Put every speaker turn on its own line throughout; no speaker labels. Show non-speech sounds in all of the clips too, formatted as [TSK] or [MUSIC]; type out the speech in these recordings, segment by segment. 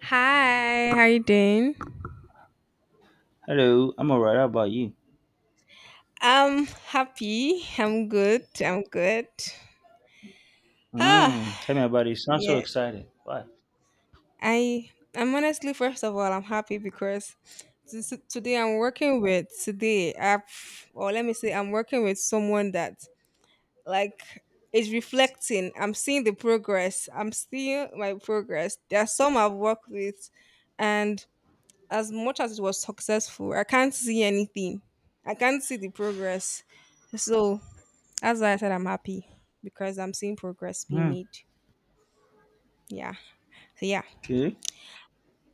Hi, how you doing?
Hello, I'm alright. How about you?
I'm happy. I'm good. I'm good. Ah,
Mm, tell me about it. Sounds so
yes.
exciting. Why?
I I'm honestly, first of all, I'm happy because today I've or let me say I'm working with someone that like is reflecting. I'm seeing the progress. I'm seeing my progress. There are some I've worked with, and as much as it was successful, I can't see anything. I can't see the progress. So that's why I said I'm happy because I'm seeing progress being
Mm,
made. Yeah. So yeah.
okay.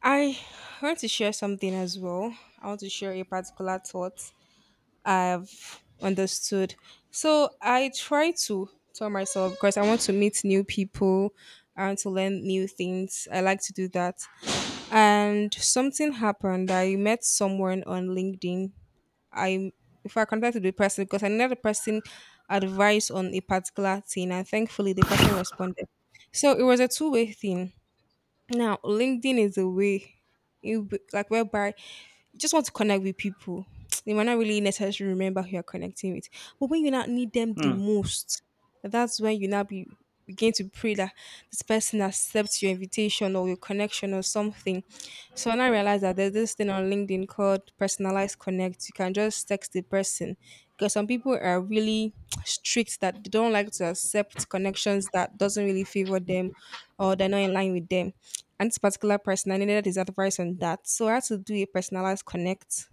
I want to share something as well. I want to share a particular thought I've understood. So I try to tell myself because I want to meet new people. I want to learn new things. I like to do that. And something happened. I met someone on LinkedIn. I if I contacted the person because I needed the person advice on a particular thing, and thankfully the person responded. So it was a two-way thing. Now, LinkedIn is a way you b- like whereby you just want to connect with people. They might not really necessarily remember who you're connecting with. But when you not need them the
Mm,
most, that's when you now be begin to pray that this person accepts your invitation or your connection or something. So when I realized that there's this thing on LinkedIn called personalized connect, you can just text the person because some people are really strict that they don't like to accept connections that doesn't really favor them or they're not in line with them, and this particular person I needed his advice on that. So I had to do a personalized connect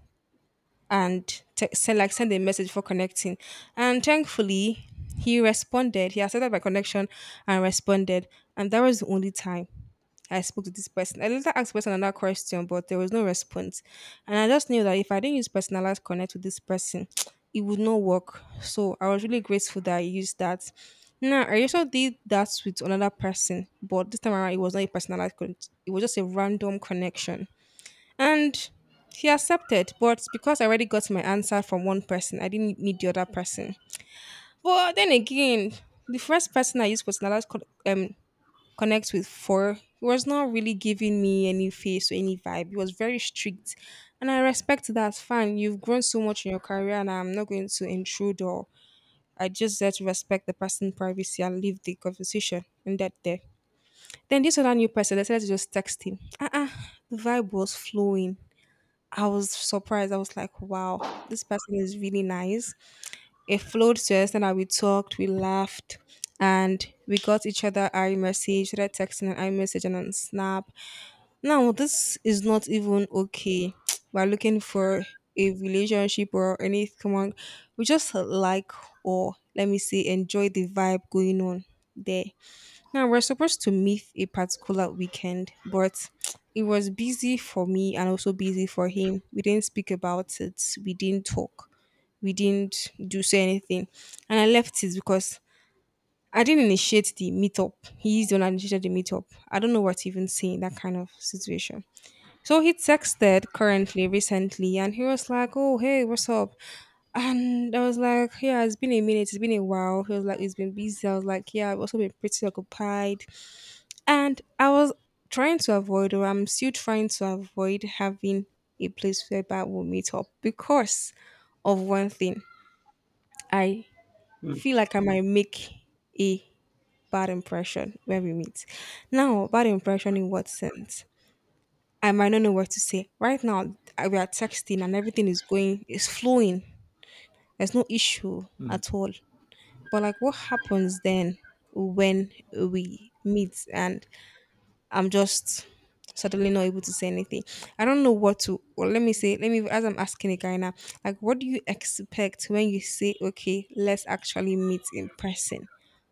and send a message for connecting. And thankfully, he responded. He accepted my connection and responded. And that was the only time I spoke to this person. I later asked the person another question, but there was no response. And I just knew that if I didn't use personalized connect with this person, [TSK] it would not work. So I was really grateful that I used that. Now, I also did that with another person, but this time around it was not a personalized connect. It was just a random connection. And he accepted, but because I already got my answer from one person, I didn't need the other person. But then again, the first person I used personalized connect with four. He was not really giving me any face or any vibe. He was very strict. And I respect that. Fine, you've grown so much in your career, and I'm not going to intrude, or I just had to respect the person's privacy and leave the conversation and that there. Then this other new person decided to just text him. Uh-uh. The vibe was flowing. I was surprised. I was like, wow, this person is really nice. It flowed to the extent we talked, we laughed, and we got each other iMessage, started texting on iMessage and on Snap. Now, this is not even okay. [TSK] We're looking for a relationship or anything. We just like, or let me say, enjoy the vibe going on there. Now, we're supposed to meet a particular weekend, but [TSK] it was busy for me and also busy for him. We didn't speak about it, we didn't talk, we didn't do say anything. And I left it because I didn't initiate the meetup. He's the one that initiated the meetup. I don't know what to even saying that kind of situation. So he texted currently recently and he was like, "Oh, hey, what's up?" And I was like, "Yeah, it's been a minute, it's been a while." He was like, "It's been busy." I was like, "Yeah, I've also been pretty occupied." And I was trying to avoid, or I'm still trying to avoid having a place whereby we'll meet up because of one thing. I
mm,
feel like I might make a bad impression when we meet. Now, bad impression in what sense? I might not know what to say. Right now, we are texting and everything is going, is flowing. There's no issue
mm,
at all. But like, what happens then when we meet and I'm just suddenly not able to say anything. I don't know what to, or let me say, let me, as I'm asking a guy now, like, what do you expect when you say, okay, let's actually meet in person?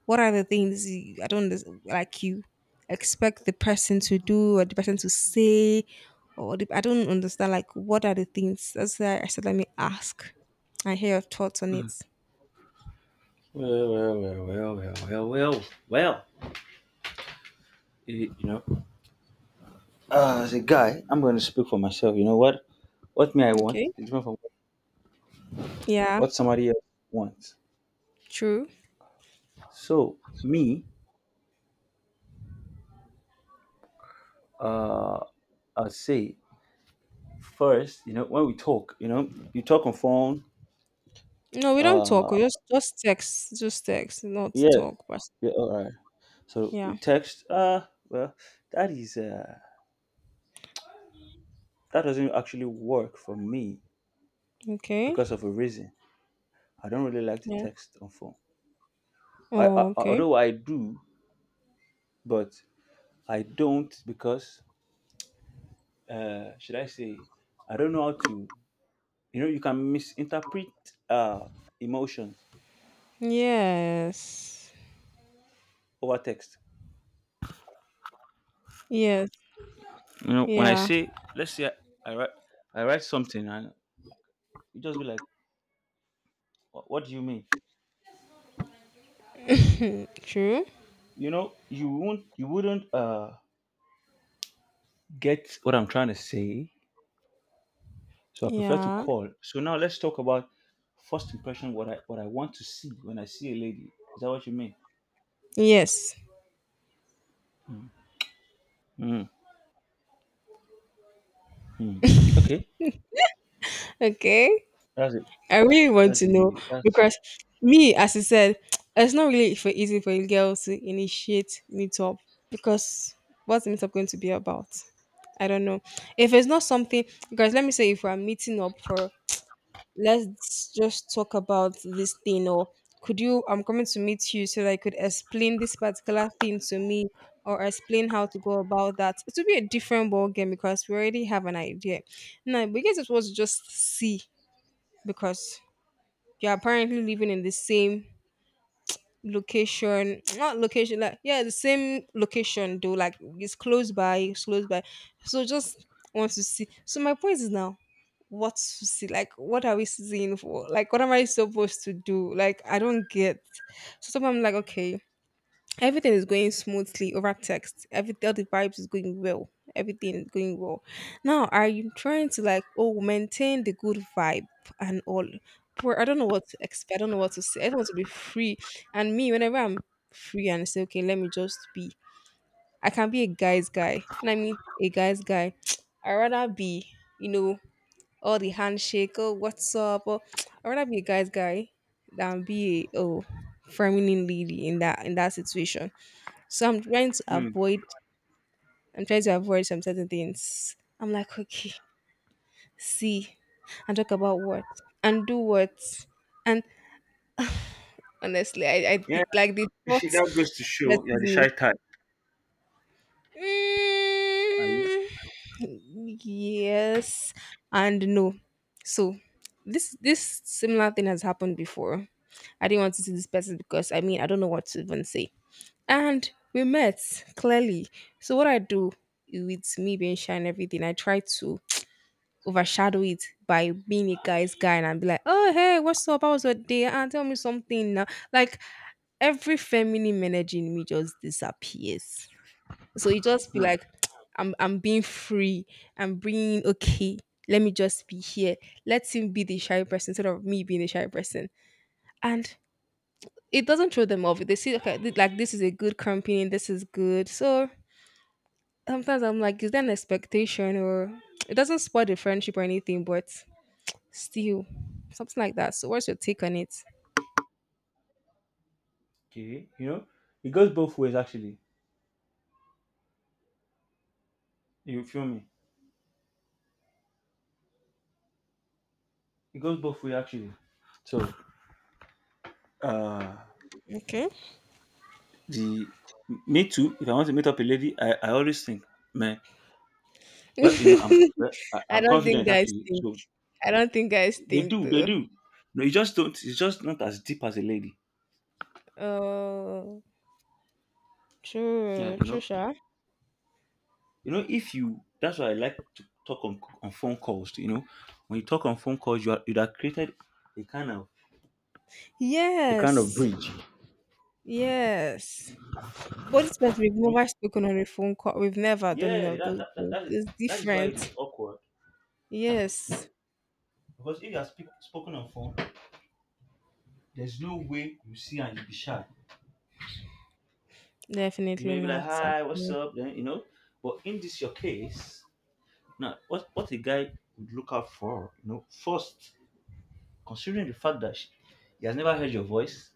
What are the things I don't unders- like you expect the person to do or the person to say? I don't understand, like, what are the things? That's why I said, let me ask, I hear your thoughts on
mm.
it.
Well, well, well, well, well, well, well, well. You know, guy, I'm going to speak for myself. You know what? What may I want
Okay.
is different from
Yeah,
what somebody else wants.
true.
So me, uh, I'll say first. You know, when we talk, you talk on phone.
No, we don't talk.
Uh,
We just, just text, not
yeah,
talk. But
yeah, all right. So
yeah.
we text. Well, that is. That doesn't actually work for me
Okay.
because of a reason. I don't really like to
Yeah.
text on phone. I, I
Oh,
I-
okay.
although I do, but I don't because should I say I don't know how to. You know, you can misinterpret uh, emotions
Yes.
over text.
Yes.
You know, when I
Yeah.
say let's say I write I write something and you just be like, "What do you mean?"
Hmm, true.
You know, you wouldn't get what I'm trying to say. So I prefer to
Yeah.
call. So now let's talk about first impression. What I want to see when I see a lady. Is that what you mean?
Yes.
Mm. Hmm. Okay.
Okay.
That's it.
I really want
That's
to know,
the that's.
because me, as I said, [TSK] it's not really for easy for a girl to initiate meetup because what's the meetup going to be about? I don't know. If it's not something, guys, let me say if we're meeting up for let's just talk about this thing, or could you, I'm coming to meet you so that I could explain this particular thing to me or explain how to go about that, it will be a different ball game because we already have an idea. Now we guess it was just see because you're apparently living in the same location, [TSK] not location like, yeah, the same location though, like it's close by it's close by. So just want to see. So my point is now what to see, like what are we seeing for, like what am I supposed to do, like I don't get. So sometimes I'm like, okay, everything is going smoothly over text. Every All the vibes is going well. Everything is going well. Now are you trying to like, oh, maintain the good vibe and all. But I don't know what to expect. I don't know what to say. I don't want to be free. And me, whenever I'm free and I say, okay, let me just be. I can be a guy's guy. And I mean a guy's guy. [TSK] I rather be, you know, all the handshake, oh what's up? Or [TSK] I rather be a guy's guy than be a, oh, feminine lady in that situation. So I'm trying to
Mm.
avoid, I'm trying to avoid some certain things. I'm like, okay, see and talk about what and do what. And honestly, I
Yeah.
think like the
you
thought
See, that
stresses
goes to show you're the
me.
shy type. Are you?
Mm, yes and no. So this similar thing has happened before. I didn't want to see this person because I mean I don't know what to even say. And we met clearly. So what I do, with me being shy and everything, I try to overshadow it by being a guy's guy and be like, oh hey, what's up? How was your day? And tell me something now. Like every feminine energy in me just disappears. So you just be
Hmm.
like, [TSK] I'm being free. I'm being okay. Let me just be here. Let him be the shy person instead of me being the shy person. And it doesn't throw them off. They see okay, like this is a good company. This is good. So sometimes I'm like, is there an expectation, or it doesn't spoil the friendship or anything, but steal. Something like that. So what's your take on it?
Okay. You know, it goes both ways actually. You feel me? It goes both ways actually. So uh,
Okay.
the me too. If I want to meet up a lady, I always think, man. Well, you know, I'm,
[LAUGHS]
well, I,
I
I'm
don't
confident
think guys
actually.
think.
So
I don't think guys
they
think
do, they
though.
do. No, you just don't. It's just not as deep as a lady.
Oh,
Yeah,
true.
you
True,
know.
sure.
You know, if you that's why I like to talk on phone calls. You know, when you talk on phone calls, you have created a kind of a kind of
Yes,
bridge.
yes. But it's because we've
You know,
never spoken on a phone call. We've never done any
yeah,
of
that
those
that that,
things.
that, is,
It's
that is why
different.
it is awkward
Yes,
because if you are spoken on phone, there's no way you see and you be shy. You know,
definitely
you be like,
not.
hi, what's
Actually.
up? Then, but in this your case, now what a guy would look out for, first, considering the fact that he has never heard your voice,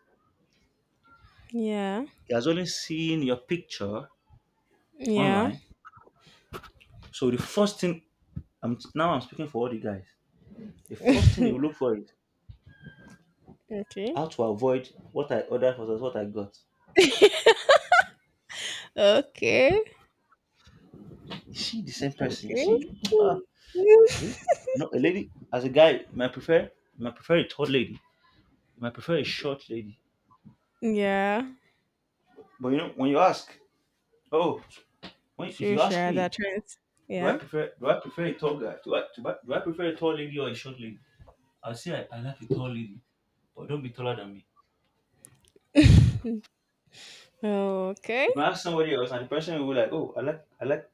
Yeah,
he has only seen your picture
yeah.
online. So the first thing, I'm now I'm speaking for all the guys. The first thing you
[LAUGHS]
look for is
Okay.
how to avoid what I ordered versus what I got.
Okay,
Is she the same person? Is
okay.
she, okay? No, a lady as a guy might prefer a tall lady, might prefer a short lady.
[LAUGHS] Yeah.
But you know when you ask, oh, if
True,
you ask
share that
me,
trends.
do I
Yeah.
prefer do I prefer a tall guy? Do I prefer a tall lady or a short lady? I'll say I like a tall lady. But don't be taller than me.
Okay.
If I ask somebody else, and the person will be like, "Oh, I like, I like,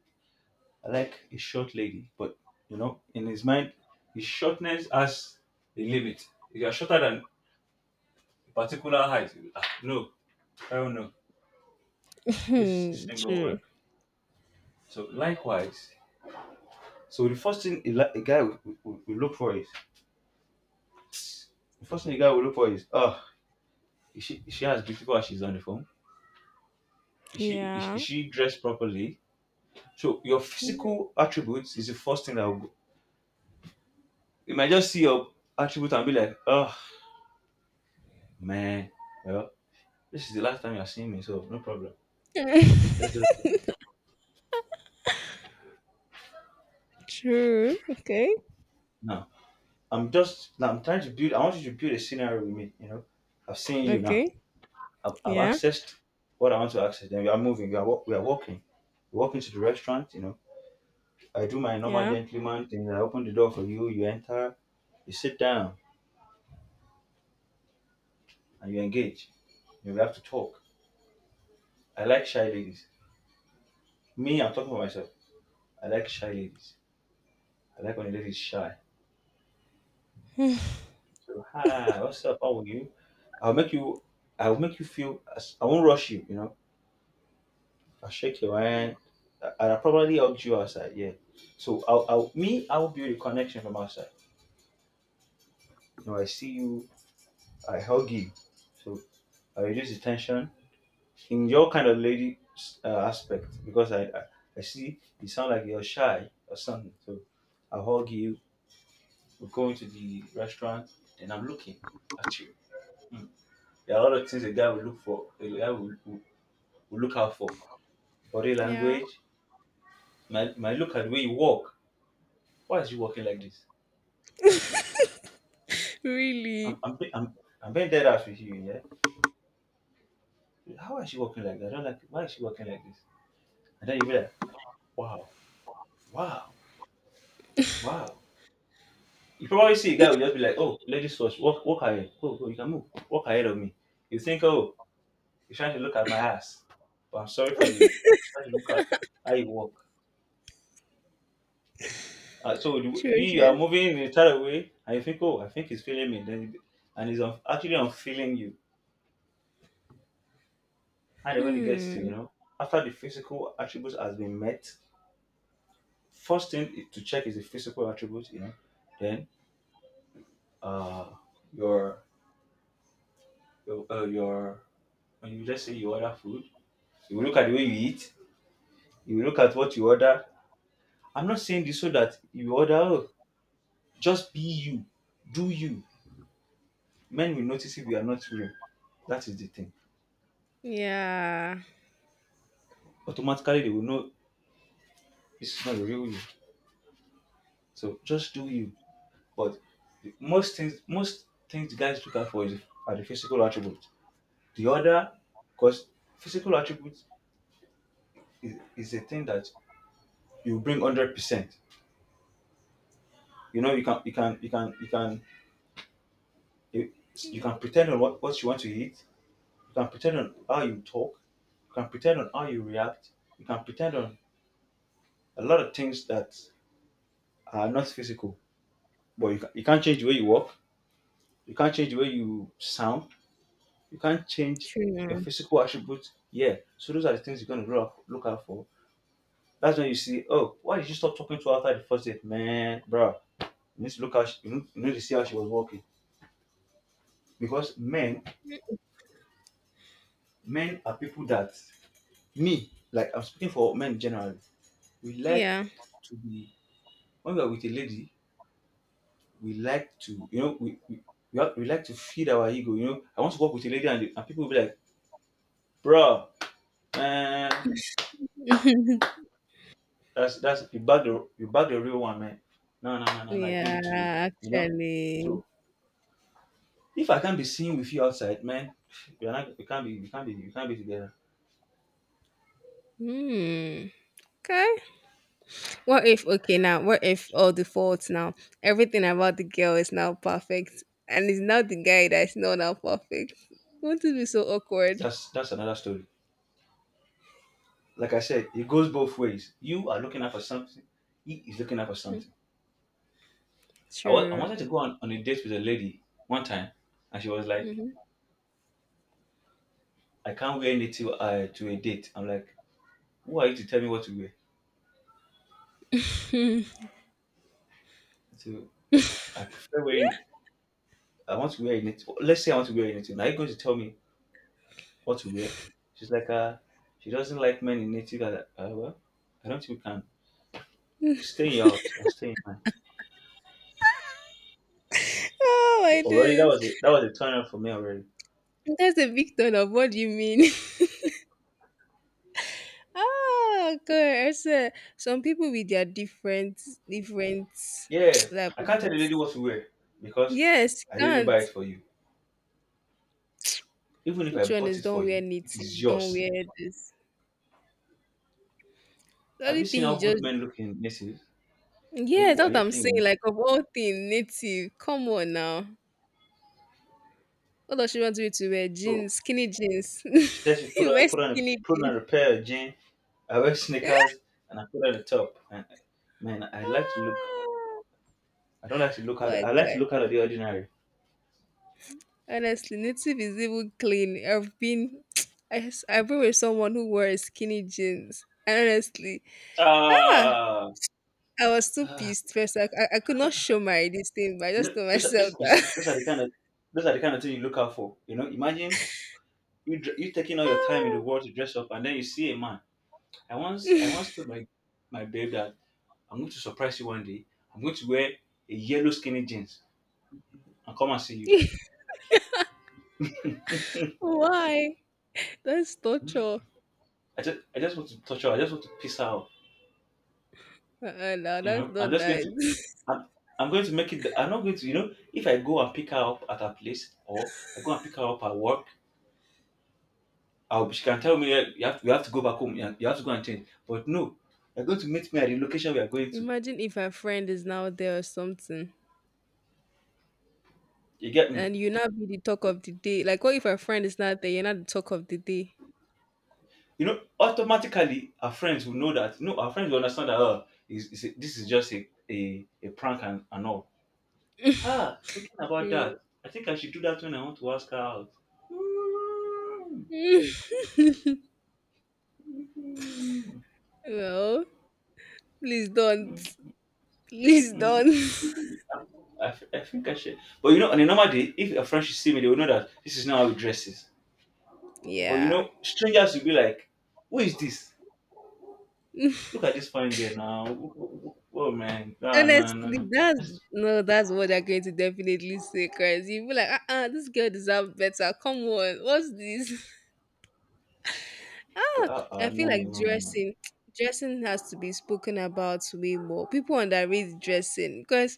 I like a short lady," but you know, in his mind, his shortness has a limit. If you are shorter than a particular height, no, I don't know. This
Hmm,
ain't gonna
true.
work. So likewise, so the first thing a guy will look for is, the first thing a guy will look for is, oh, is she as beautiful as she's on the phone? Is
Yeah.
she dressed properly? So your physical attributes is the first thing that will. You might just see your attribute and be like, oh man, well, this is the last time you're seeing me, so no problem.
[LAUGHS]
Let's just do this.
True. Okay.
Now now I want you to build a scenario with me, you know. I've seen you now.
Okay.
I've
Yeah.
accessed what I want to access. Then we are moving, we are walking. We walk into the restaurant, you know. I do my normal
Yeah.
gentleman thing, I open the door for you, you enter, you sit down and you engage. You know, we have to talk. I like shy ladies. Me, I'm talking about myself. I like shy ladies. I like when a lady is shy. So, hi, what's up? How are you? I'll make you, I'll make you feel, I won't rush you, you know. I'll shake your hand and I'll probably hug you outside, yeah. So, me, I'll build a connection from outside. You know, I see you, I hug you. So, I reduce the tension in your kind of lady aspect because I see you sound like you're shy or something. So, I'll hug you, we're going to the restaurant and I'm looking at you. Mm. There are a lot of things a guy will look for, a guy will look out for body
Yeah.
language. Might look at the way you walk. Why is she walking like this? I'm
Really.
I'm be- I'm, I'm being dead ass with you, yeah. How is she walking like that? I don't like. Why is she walking like this? And then you be like, wow, wow, wow. You probably see a guy will just be like, oh, ladies first, walk ahead, go go, you can move, walk ahead of me. You think, oh, you're trying to look at my ass, but I'm sorry for you. He's trying to look at how you walk. So you,
True,
you
share.
are moving in a tired way, and you think, oh, I think he's feeling me. Then, and he's actually unfeeling you. And then when it gets to,
Hmm.
after the physical attributes has been met, first thing to check is the physical attributes, you know. Then uh your your when you just say you order food, you will look at the way you eat, you will look at what you order. I'm not saying this so that you order, oh, just be you, do you. Men will notice if you are not real. That is the thing.
Yeah.
Automatically they will know this is not the real you. So just do you. But the most things guys look out for is are the physical attributes. The other, because physical attributes is a thing that you bring 100%. You know, you can, you can, you can, you can, you, you can pretend on what you want to eat. You can pretend on how you talk. You can pretend on how you react. You can pretend on a lot of things that are not physical. But you can't change the way you walk. You can't change the way you sound. You can't change your
True.
physical attributes. Yeah. So those are the things you're gonna grow up, look out for. That's when you see, oh, why did you stop talking to her after the first date? Man, bro, you need to look how she, you need to see how she was walking. Because men are people that me, like I'm speaking for men generally, we like
Yeah.
to be when we are with a lady, we like to, we like to feed our ego, you know. I want to work with a lady and, people will be like, bro, man, that's you bag the real one, man. No, no, no, no, no. I give
Yeah.
it to you. You know.
Actually.
So if I can't be seen with you outside, man, we are not. We can't be. We can't be. We can't be together.
Hmm. Okay. What if, okay, now, what if all the faults now? Everything about the girl is now perfect, and it's now the guy that's not now perfect. Won't it be so awkward?
That's another story. Like I said, it goes both ways. You are looking out for something. He is looking out for
Mm,
something. I
true.
wanted to go on a date with a lady one time, and she was like,
Hmm.
"I can't wear native to a date." I'm like, "Who are you to tell me what to wear?"
[LAUGHS]
So I prefer wearing. I want to wear a native. Let's say I want to wear a native. Now you're going to tell me what to wear. She's like, she doesn't like men in native. I was like, well, I don't think we can stay in your house. I'll stay in mine.
Oh my
Already, that
goodness.
was a, that was a turn off for me already.
That's a big turn of, what do you mean? [LAUGHS] Ah, God. I said, some people with their different, different,
Yeah,
[TSK] like,
I
what
can't tell the lady
is-
what to wear because
yes,
I didn't buy
can't.
it for you. Even if I
Which one
bought
is
it
don't
for
wear
you, it is
knitting, don't
yours.
wear this. The
Have
only
you seen
thing
how
you
good
just,
men look in native? Are
yes,
you are
that's what
you
I'm
playing with
saying.
me?
Like of all things, native. Come on now. What does she want you to wear?
So
Jeans, skinny jeans.
she said
[LAUGHS]
she put
You wear
on put on
skinny
put
jeans.
on a pair of jeans. I wear sneakers and I put on the top. And man, I like to look.
Ah,
I don't like to look
oh
out.
my
I like to
god.
look out of the ordinary.
Honestly, native is even clean. I've been [TSK] I've been with someone who wore skinny jeans. And honestly, ah,
Uh,
I was too pissed first. I could not show my this thing, but I just told
those are, this,
myself
you
that.
see,
[LAUGHS]
those are the kind of thing you look out for. You know, imagine you taking all your time in the
Ah.
world to dress up, and then you see a man. I once told my babe that I'm going to surprise you one day. I'm going to wear a yellow skinny jeans and come and see you.
[LAUGHS]
[LAUGHS]
Why? That's torture.
I just want to touch her. I just want to piss her off.
Uh-uh, no,
You
that's
know,
not
I'm just going to.
nice. [LAUGHS]
I'm, I'm going to make it. I'm not going to. You know, if I go and pick her up at her place, or I go and pick her up at work, she can tell me, "Yeah, you have to go back home. You have to go and change. But no, you're going to meet me at the location we are going to."
Imagine if a friend is now there or something,
You get me?
and you not be the talk of the day. Like, what if a friend is not there? You're not the talk of the day.
You know, automatically our friends will know that. No, our friends will understand that. Oh, this is just a prank and all. Ah, thinking about
You-
that, I think I should do that when I want to ask her out. Mm,
[LAUGHS]
mm,
well, please don't.
mm,
Please
mm.
don't.
I think I should. But you know, on a normal day, if a friend should see me, they will know that this is not how he dresses.
[LAUGHS]
But you
Yeah.
know, strangers will be like, "Who is this? Look at this fine girl now. Oh man, nah, nah, nah,
Honestly,
nah.
that's
That's-"
no, that's what they're going to definitely say, cause you feel like, this girl deserves better. Come on, what's this? [LAUGHS] I feel
No,
like
no, no.
[TSK] dressing has to be spoken about way more. People underrate dressing, cause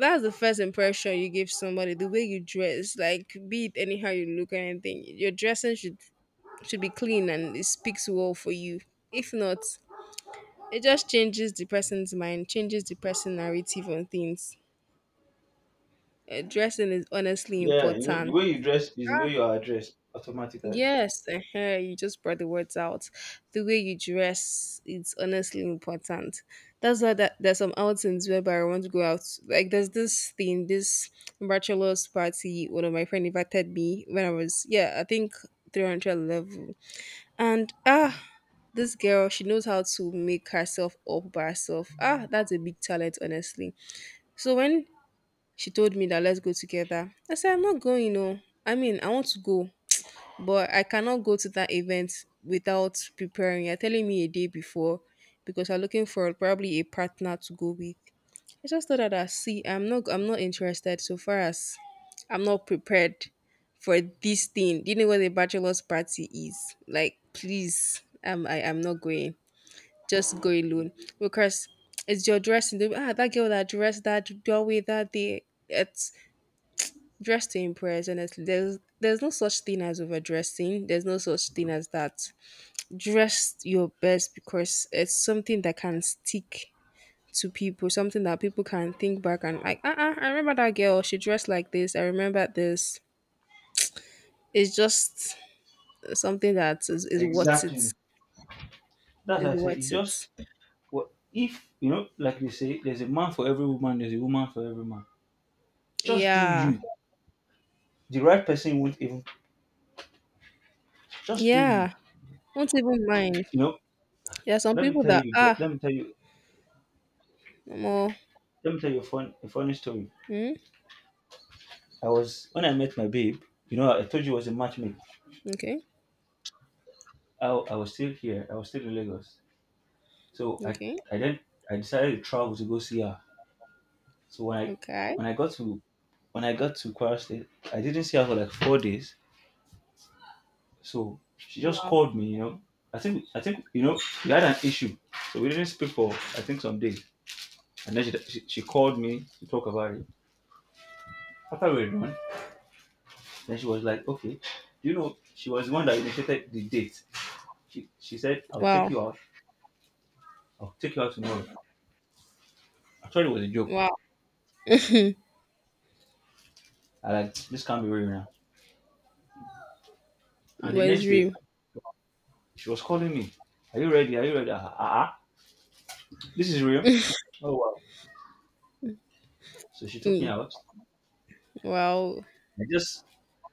that's the first impression you give somebody the way you dress, like be it anyhow you look or anything. Your dressing should be clean and it speaks well for you. If not, it just changes the person's mind, changes the person narrative on things. Dressing is honestly
Yeah, you know, the
important.
way you dress is the way you are dressed automatically.
Yes, you just brought the words out. The way you dress is honestly important. That's why that there's some outings whereby I want to go out. Like there's this bachelor's party. One of my friend invited me when I was, yeah, I think 300 level. And ah, this girl, she knows how to make herself up by herself. Ah, that's a big talent, honestly. So when she told me that let's go together, I said I'm not going. No, I mean I want to go, but I cannot go to that event without preparing. You're telling me a day before? Because I'm looking for probably a partner to go with. I just thought that I'm not interested, so far as I'm not prepared for this thing. Do you know what a bachelor's party is? Like, please, I'm not going. Just go alone. Because it's your dressing. They'll be, ah, that girl that dressed that doorway that day. It's dress to impress, honestly. There's no such thing as overdressing, there's no such thing as that. Dress your best, because it's something that can stick to people, something that people can think back and like, uh-uh, I remember that girl, she dressed like this, I remember this. It's just something that is worth it.
Exactly. That's
Is
why I say you
worth it.
just, what if, you know, like they say, there's a man for every woman, there's a woman for every man. Just do
Yeah.
you. The right person won't even, just do you.
Yeah. Do not even mind.
You know,
There are some
let me
people
tell
that
you.
ah,
Let me tell you.
more.
Let me tell you a a funny story.
Hmm?
I was when I met my babe. You know, I told you I was a matchmaker.
Okay.
I was still here. I was still in Lagos. So
Okay.
I then I decided to travel to go see her. So
Okay.
when I got to when I got to Kwara State, I didn't see her for like 4 days. So she just
Wow.
called me, you know. I think you know we had an issue, so we didn't speak for, I think, some days. And then she called me to talk about it. After we were done, then she was like, "Okay, do you know she was the one that initiated the date? She said I'll take
Wow.
you out. I'll take you out tomorrow." I thought it was a joke.
Wow.
I like this can't be real now. And the
But
next
it's real.
day, she was calling me. "Are you ready? Are you ready? Ah, ah, ah." This is real. Oh wow. So she took me
Mm.
out.
Wow.
I just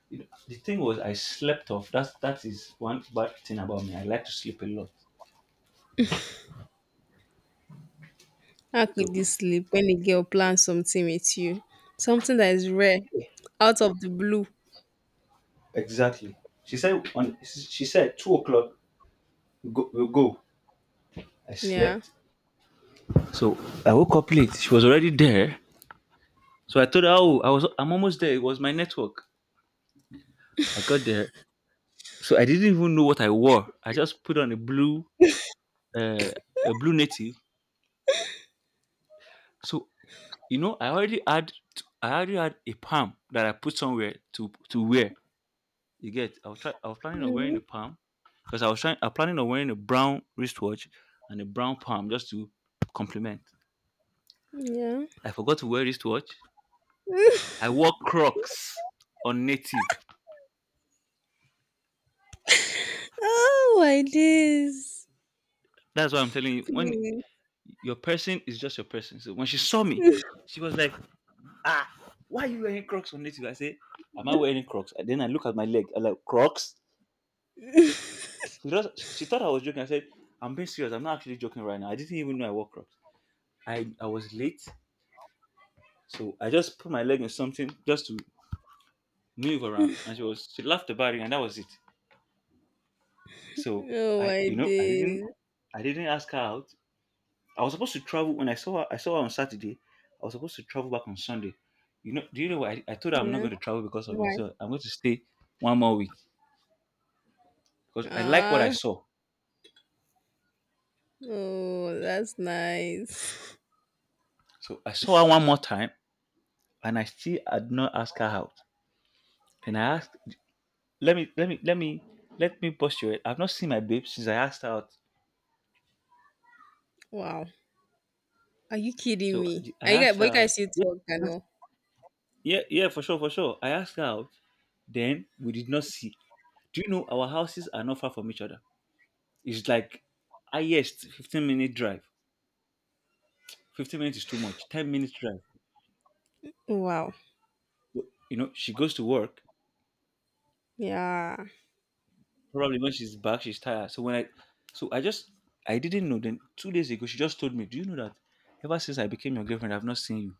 you know, the thing was I slept off. That is one bad thing about me. I like to sleep a lot.
How
So
could you sleep when a girl plans something with you? Something that is rare, out of the blue.
exactly. She said 2 o'clock we'll go. I
Yeah.
slept. So I woke up late. She was already there. So I told her, oh, I'm almost there. It was my network. I got there. So I didn't even know what I wore. I just put on a blue, uh, a blue native. So you know, I already had a palm that I put somewhere to wear. You get? I was planning on wearing
Hmm.
the palm, because I was trying I planning on wearing a brown wristwatch and a brown palm just to complement.
Yeah.
I forgot to wear wristwatch.
[LAUGHS]
I wore Crocs on native.
Oh, my days.
That's why I'm telling you when
Please.
your person is just your person. So when she saw me,
[LAUGHS]
she was like, "Ah, why are you wearing Crocs on native?" I say, "Am I wearing Crocs?" And then I look at my leg. I'm like, "Crocs." She thought I was joking. I said, "I'm being serious. I'm not actually joking right now. I didn't even know I wore Crocs. I was late, so I just put my leg in something just to move around," and she laughed about it, and that was it. So
Oh,
I
my
you know
days.
I didn't ask her out. I was supposed to travel when I saw her. I saw her on Saturday. I was supposed to travel back on Sunday. You know? Do you know what? I told her I'm not
Yeah.
going to travel because of you.
Why?
So I'm going to stay one more week because I like what I
Ah.
saw.
Oh, that's nice. [LAUGHS]
So I saw her one more time, and I still had not asked her out. And I asked let me let me let me let me posture it. I've not seen my babe since I asked her out.
Wow. Are you kidding
So
me?
I
Are you guys,
asked her
but you guys
out.
still talk, I
Yeah,
know.
yeah, yeah, for sure, for sure. I asked her out. Then we did not see. Do you know our houses are not far from each other? It's like highest 15-minute drive. 15 minutes is too much. 10 minutes drive.
Wow.
You know, she goes to work.
Yeah.
Probably when she's back, she's tired. So when I so I just I didn't know. Then 2 days ago, she just told me, "Do you know that ever since I became your girlfriend, I've not seen you?"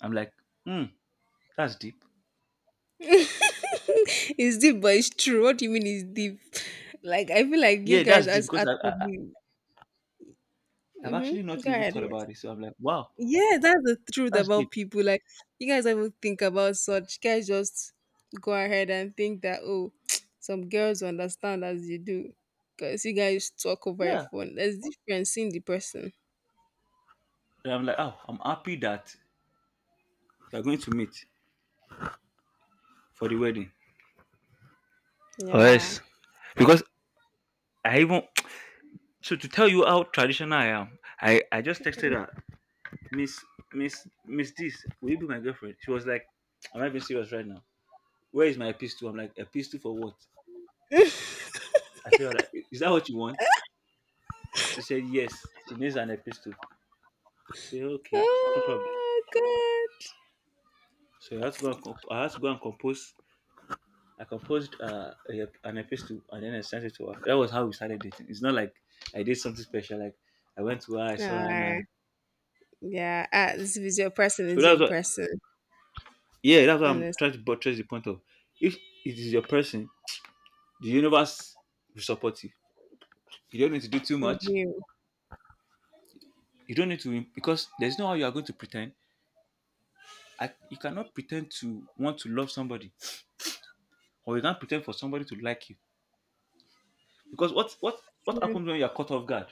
I'm like, hmm, that's deep.
It's deep, but it's true. What do you mean it's deep? Like I feel like you
Yeah,
guys
that's deep
as
because
are
I-
talking.
I've
Mm-hmm.
actually not
Go
even
ahead.
thought
Yes.
about it. So I'm like, wow,
Yeah, that's the truth
that's
about
deep.
people. Like you guys don't even think about such. You guys just go ahead and think that, oh, [TSK] some girls will understand as you do, because you guys talk over your
Yeah.
phone. There's difference in the person.
And I'm like, oh, I'm happy that you're going to meet for the wedding. Or
Yeah.
else, because I even, [TSK] so to tell you how traditional I am, I just texted her, "Miss, Miss this, will you be my girlfriend?" She was like, "Am I being serious right now? Where is my epistle?" I'm like, "Epistle for what?" I said, "Alright, is that what you want?" She said, "Yes." She needs an epistle. I said, "Okay, no problem."
Oh God.
So I had to go and compose. I composed an epistle and then I sent it to her. That was how we started dating. It's not like I did something special. Like I went to her, I saw her,
Ah, yeah. Ah, this is your person.
so
Is
that's
your
what.
person.
Yeah, that's what I'm
Honest.
trying to buttress the point of. If it is your person, the universe will support you. You don't need to do too much.
Real.
You don't need to, because there's no how you are going to pretend. You cannot pretend to want to love somebody, or you can't pretend for somebody to like you. Because what
True.
happens when you are caught off guard?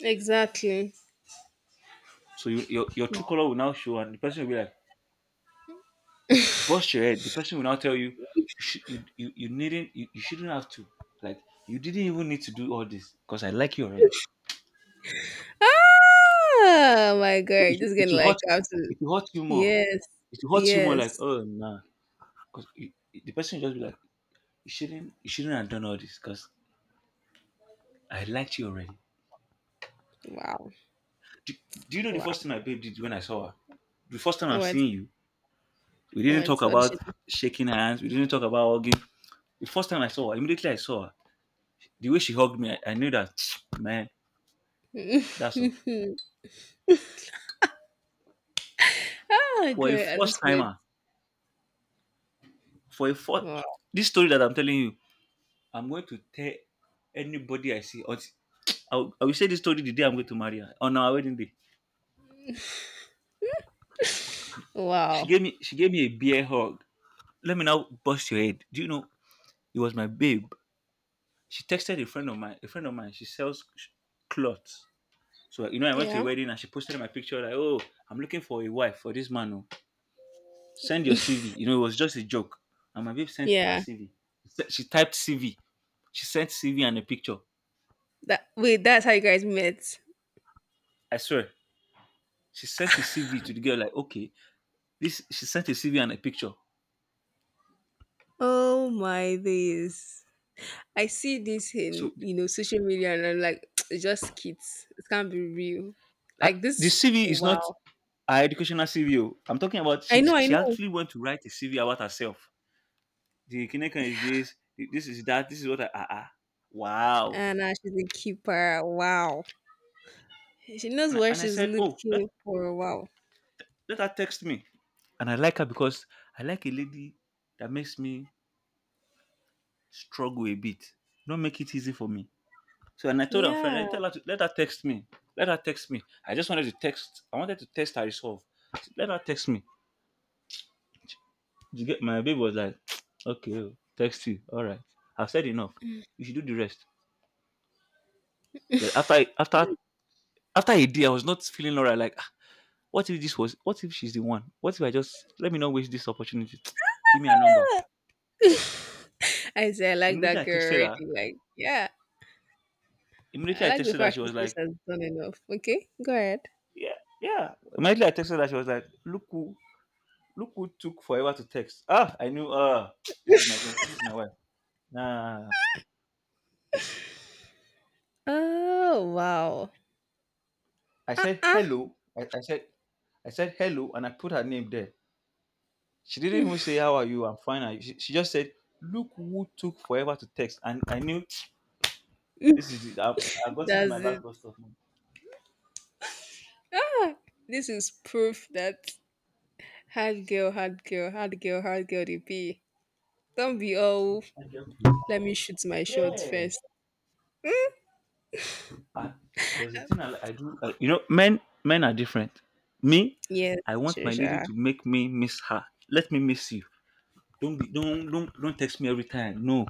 Exactly.
So your true color will now show, and the person will be like, bust your head. The person will now tell you, "You should, you needn't, you shouldn't have to, like, you didn't even need to do all this because I like you already."
Oh my
So
god, just getting like absolute
it will hurt you more.
yes,
It will hurt you more,
yes.
like, oh nah, because the person will just be like, you shouldn't have done all this because I liked you already."
Wow,
Do, do you know the
wow.
first thing my babe did when I saw her? The first time I'm
What,
seeing you, we didn't talk
what a
about
shit.
shaking hands. We didn't talk about hugging. The first time I saw her, immediately I saw her, the way she hugged me, I knew that [TSK] man. That's all.
[LAUGHS] Oh
For a
good at
first
this point.
timer, for a first,
Wow,
this story that I'm telling you, I'm going to tell anybody I see. Or I will say this story the day I'm going to marry her on our wedding day. She
wow.
gave me she gave me a beer hug. Let me now bust your head. Do you know it was my babe? She texted a friend of mine. A friend of mine. She sells cloths. So you know, I went to a
Yeah,
wedding and she posted my picture like, "Oh, I'm looking for a wife for this man. Oh. Send your CV." You know, it was just a joke. And my babe sent her
yeah.
CV. She typed CV. She sent CV and a picture.
That wait, that's how you guys met.
I swear, she sent a CV to the girl like, okay, this she sent a CV and a picture.
Oh my days. I see this
So
in,
the-
you know, social media, and I'm like, [TSK] it's just kids. It can't be real.
I,
Like
the
this.
CV is not
Wow.
her educational CV. Oh. I'm talking about
I know, I
she
know.
actually went to write a CV about herself. The Kinecon is this, the- this is that, this is what I, ah. Wow.
And she's a keeper. Wow. Hey, she knows
And I,
what
and I
she's
said, oh, let
looking for. Wow.
let her text me. And I like her because I like a lady that makes me struggle a bit, don't make it easy for me. So and I told her friend,
Yeah.
I tell her to, let her text me. Let her text me. I just wanted to text. I wanted to test her resolve. Let her text me. You get my baby was like, [TSK] okay, oh, text you. All right. I've said enough. You should do the rest. Then after I- after
[LAUGHS]
After a day, I was not feeling alright. Like, "Ah, what if this was? What if she's the one? What if I just let me not waste this opportunity? [TSK] Give me a number.
I say I like
Immediately
that
I
girl
texted her.
already. Like, yeah.
Immediately
I
I
like the
texted her. She
fact she
was
says
like,
she has done enough. Okay, go ahead.
yeah, yeah. Immediately I texted her. She was like, Look who took forever to text. Ah, I knew. Ah, [TSK] this is my girl. This is my wife. Nah,
Oh wow.
I said
Uh-uh.
hello. I said, I said hello, and I put her name there. She didn't even
[LAUGHS]
say how are you. I'm fine. I- She just said, look who took forever to text, and I knew [TSK] this is it. I've gotten to
That's
my last
it.
bus stop now.
Ah, this is proof that hard girl they be. Don't be all.
Thank you, please.
Let me shoot my shot
Yeah.
first.
I, There's a thing I do. I, you know, men are different. Me,
Yes,
I want my lady
Trisha.
to make me miss her. Let me miss you. Don't be, don't text me every time. No.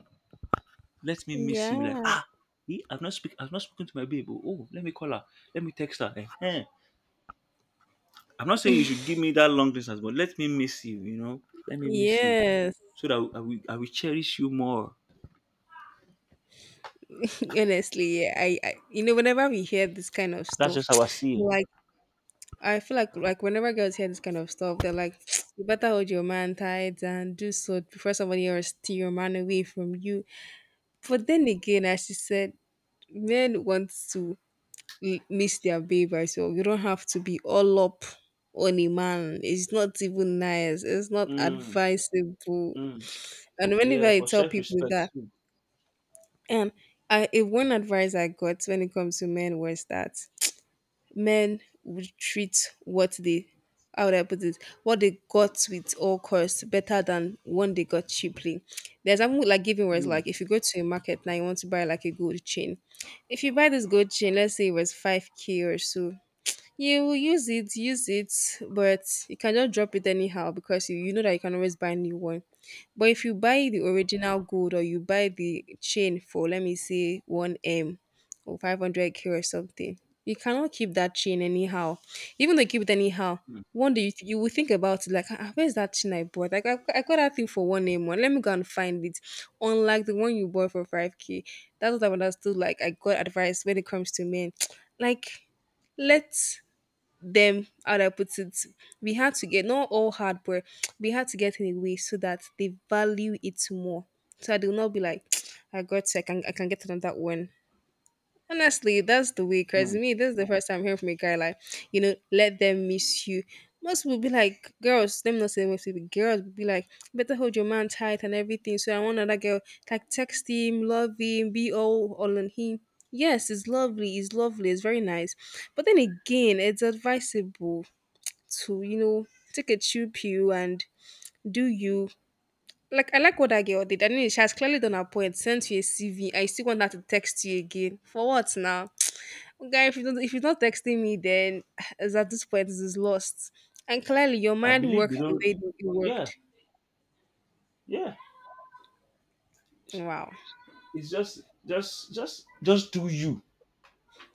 Let me miss you. Like,
Yeah.
ah, eh, I've not spoken to my babe. Oh, oh, let me call her. Let me text her. Eh, eh. I'm not saying you should give me that long distance, but let me miss you, you know? Let me miss you.
Yes.
So that I will cherish you more.
[LAUGHS] Honestly, yeah, you know, whenever we hear this kind of
That's just
stuff,
how I
[TSK]
see it.
like I feel like whenever girls hear this kind of stuff, they're like, [TSK] you better hold your man tight and do so before somebody else steal your man away from you. But then again, as she said, men want to miss their babe as well. You don't have to be all up on a man. It's not even nice. It's not
Mm,
advisable.
mm,
And whenever
yeah,
I
for
tell
self
people
respect
that,
too.
and a one advice I got when it comes to men was that men would treat what they, how would I put it, what they got with all costs better than one they got cheaply. There's something like giving words
Mm,
like, if you go to a market now, you want to buy like a gold chain. If you buy this gold chain, let's say it was 5K or so, you will use it, but you can just drop it anyhow because you know that you can always buy a new one. But if you buy the original gold or you buy the chain for, let me say, 1M or 500K or something, you cannot keep that chain anyhow. Even though you keep it anyhow,
mm,
one day you will think about it like, ah, where's that chain I bought? Like, I got that thing for 1M one. Let me go and find it. Unlike the one you bought for 5K. That's what I've understood. Like, I got advice when it comes to men. [TSK] Like, let's them, how do I put it, we had to get not all hard, but we had to get in a way so that they value it more. So I do not be like, [TSK] I got, I can get another one. Honestly, that's the way. Cause
mm.
me, this is the first time hearing from a guy like, you know, let them miss you. Most people be like, girls, them not saying most people, girls would be like, better hold your man tight and everything. So I want another girl like text him, love him, be all on him. Yes, it's lovely, it's very nice. But then again, it's advisable to, you know, take a chill pill and do you. Like I like what that girl did. I mean, she has clearly done her point. Sent you a CV. I still want her to text you again. For what now? Guy, if you're not texting me, then [SIGHS] as at this point it is lost, and clearly your
I
mind
believe they
worked the way
don't.
that it
Yeah,
worked.
yeah.
Wow.
It's just, do you.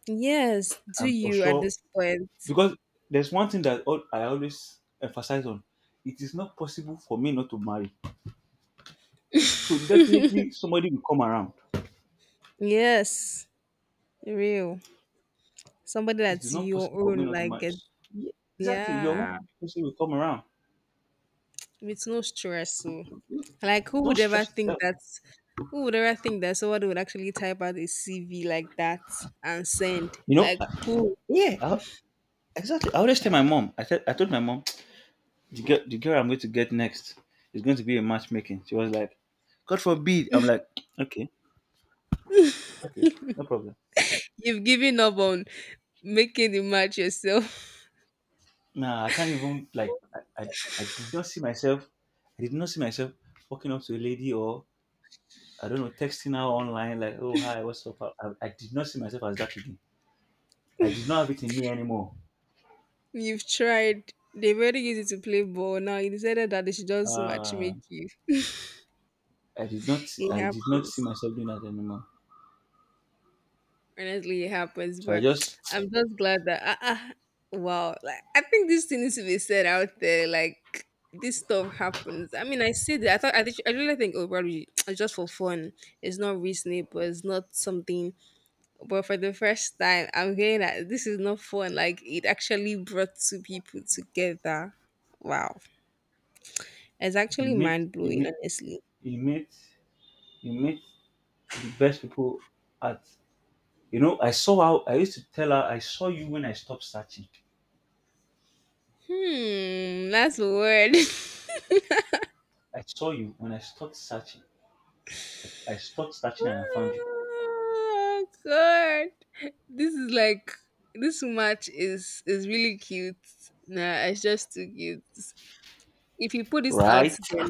Yes, do
I'm for
you at
sure
this point.
because there's one thing that I always emphasize on. It is not possible for me not to marry. So definitely somebody will come around.
Yes. Real. Somebody
It is
that's
not
your
possible for me
own,
not to
like
marry.
get-
Yeah, exactly, your own
Yeah,
person will come around.
with no stress. So like
Don't stress yourself.
who would ever think that somebody would actually type out a CV like that and send
You know?
like
I-
who?
Yeah, I, exactly. I always tell my mom. I told my mom the girl I'm going to get next is going to be a matchmaking. She was like, God forbid. I'm like, okay, okay, no problem.
You've given up on making the match yourself.
Nah, I can't even like I, I I did not see myself I did not see myself walking up to a lady or I don't know texting her online like oh hi what's up. I did not see myself as that again. I did not have it in me anymore.
You've tried. They're very easy to play ball. Now you decided that they should just match
uh
make you. [LAUGHS]
I did not see-
It
I did not see
happens.
myself doing that anymore.
Honestly, it happens.
So I
But [TSK]
just
I'm just glad that wow. Like I think this thing needs to be said out there. Like this stuff happens. I mean, I said that. I thought think I really think, oh, probably [TSK] it's just for fun. It's not reasonable. It's not something. But for the first time, I'm hearing that this is not fun. Like it actually brought two people together. Wow. It's
[TSK] you
actually
meet
mind
you
blowing,
meet
honestly.
you meet you meet the best people at you know. I saw how I used to tell her I saw you when I stopped searching.
Hmm, that's a word.
I saw you when I stopped searching. I stopped
[LAUGHS]
searching and I found you,
Oh God, this is like this match is really cute. Nah, it's just too cute. If you put this out
right?
there,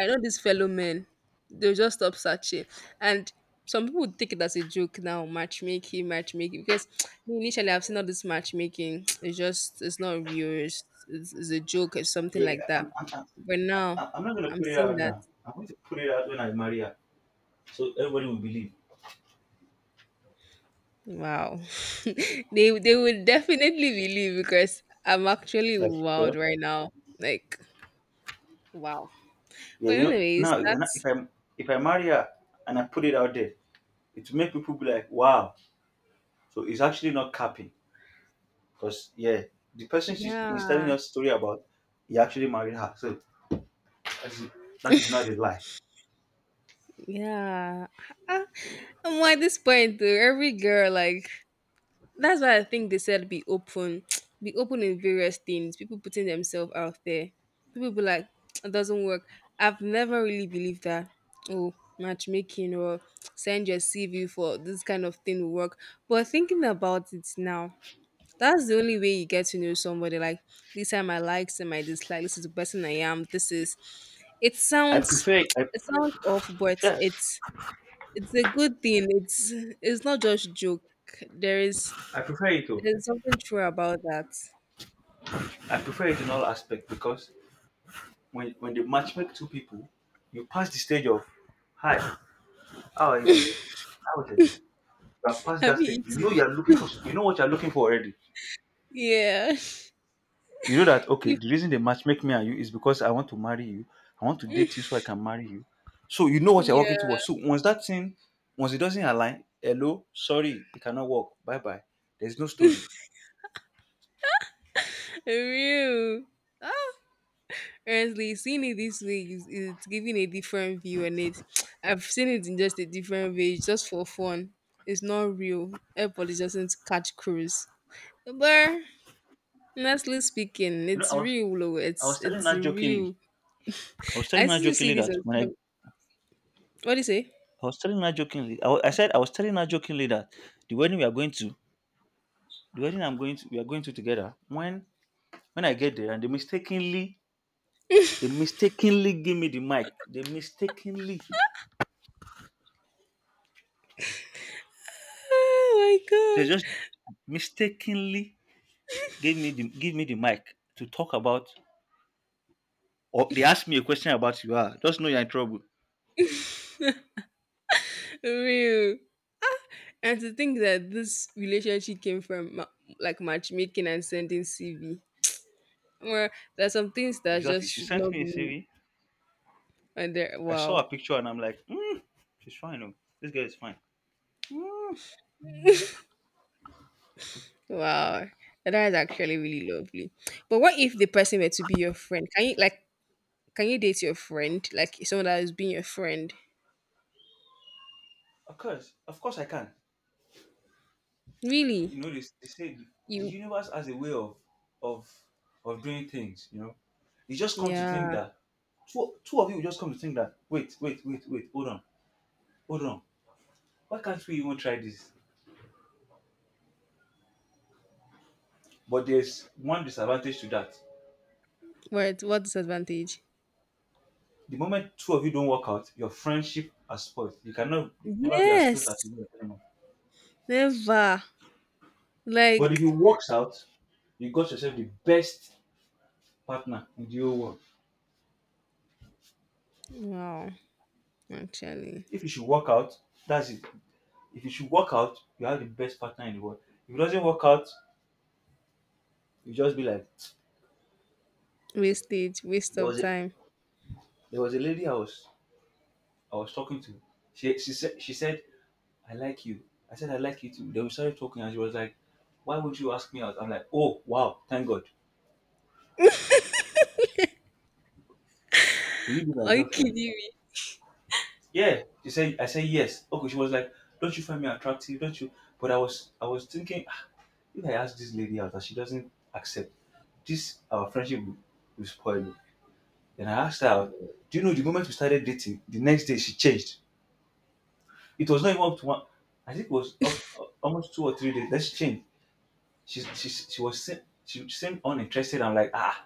I know these fellow men, they'll just stop searching. And some people would take it as a joke now, matchmaking, matchmaking. Because [TSK] me initially I've seen all this matchmaking. [TSK] It's just it's not real. It's a joke or something
Yeah,
like that.
I'm, I'm,
But now
I'm, I'm not gonna
I'm
put it
seeing
out
that
now. I'm going to put it out when I marry her, so everybody will believe.
wow. [LAUGHS] They will definitely believe because I'm actually
Like,
wild
well,
right now. Like wow.
yeah,
But
you know,
anyways,
now
that's
if I marry her and I put it out there, it will make people be like, wow. So it's actually not capping, because yeah, the person she's is telling
yeah.
us story about, he actually married her. So that's, that is not a lie.
Yeah. Ah, and why this point though? Every girl, like that's why I think they said be open. [TSK] Be open in various things. People putting themselves out there. People be like, [TSK] it doesn't work. I've never really believed that. Oh, matchmaking or [TSK] send your CV for this kind of thing will work. But thinking about it now, that's the only way you get to know somebody. Like, these are my likes and my dislikes. This is the person I am. This is. It
I
sounds
prefer, it. I
[TSK] it sounds off, but
Yeah,
it's a good thing. It's not just joke. There is
I prefer it though.
there's something true about that.
I prefer it in all aspects because when they matchmake two people, you pass the stage of hi. How are you doing? How was your day? You are past that
Have you
stage. You know
eaten?
you are looking for. You know what you are looking for already.
Yeah.
You know that okay. The reason they matchmake me and you is because I want to marry you. I want to
[LAUGHS] You
date you so I can marry you. So you know what you're working towards.
yeah.
So once it doesn't align, hello, sorry, it cannot work. Bye bye. There's no story.
Real. Ah, honestly, seeing it this way is it's giving a different view on it. [TSK] I've seen it in just a different way, it's just for fun. It's not real. Everybody just doesn't catch cruise. But honestly speaking,
You know I
it's
was
real, though.
I
It's
was telling
it's
her jokingly.
real.
I was
I
telling her
still see
jokingly
this
that
on
when I
social. What do you say?
I was telling her jokingly. I, wa- I said I was telling her jokingly that the wedding we are going to, the wedding I'm going to, we are going to together. When I get there and they mistakenly They mistakenly gave me the mic. They mistakenly, they
Oh,
just mistakenly gave me the give me the mic to talk about. Or they asked me a question about you are. Just know you're in trouble.
real. And to think that this relationship came from like matchmaking and sending CV. Well, there's some things that
Exactly.
just
She
should
sent
not
me a
be
CV.
under.
I saw
Wow,
her picture and I'm like, mm, she's fine. Oh, this girl is fine. Mm,
wow, that is actually really lovely. But what if the person were to be your friend? Can you date your friend, like someone that has been your friend?
of course I can.
Really,
You know, they say the
you
universe has a way of of doing things. You know, you just come to think
yeah.
that two of you will just come to think that wait, hold on, hold on. Why can't we even try this? But there's one disadvantage to that.
What disadvantage?
The moment two of you don't work out, your friendship has spoiled. You cannot never be as close as
Yes,
you were anymore.
never. Like,
But if it works out, you got yourself the best partner in the whole world.
wow, actually,
If you should work out, that's it. If you should work out, you have the best partner in the world. If it doesn't work out, you just be like,
waste
there
of
was a
time.
there was a lady I was talking to. She said I like you. I said, I like you too. Then we started talking, and she was like, why would you ask me out? I'm like, oh, wow, thank God. Will you be my
Are you kidding
girlfriend?
me?
Yeah. She said, I said, yes. Okay. She was like, don't you find me attractive? Don't you? I was thinking, "Ah, if I ask this lady out and she doesn't accept, this our friendship will spoil me. Then I asked her out. Do you know the moment we started dating, the next day she changed. It was not even up to one, I think it was up to, almost two or three days. Then she changed. She seemed uninterested. I'm like, ah,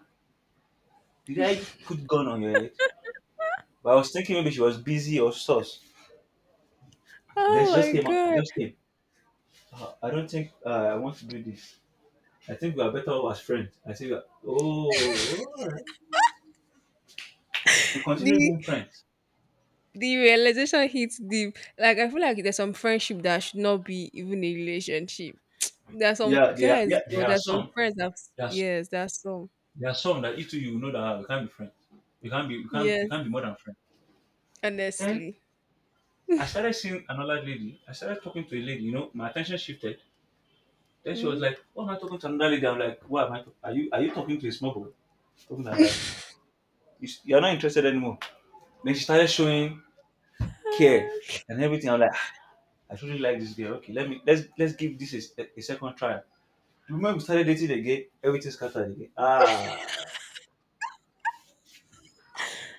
did I put gun on your head? But I was thinking maybe she was busy or sus. Then
Oh
she just
my
came out.
God.
Just came. "Ah, I don't think I want to do this. I think we are better off as friends. I think. Oh, all right. We continue
The
being friends.
the realization hits deep. Like, I feel like there's some friendship that should not be even a relationship. There's some guys,
Yeah,
or
there are
there's some
some.
friends that
There's
yes, that's some.
there are some that if you know that ah, we can't be friends. We
Yes,
can't be more than friends. Then
honestly.
I started seeing another lady. I started talking to a lady. You know, my attention shifted. Then she was
Mm.
like, "Oh, am I talking to another lady?" I'm like, "What am I? Talk- are you talking to a small boy? Talking to another lady?" You're not interested anymore. Then she started showing care
Ah,
and everything. I'm like, "Ah, I truly like this girl. Okay, let's give this a second try. The moment we started dating again, everything scattered again. Ah,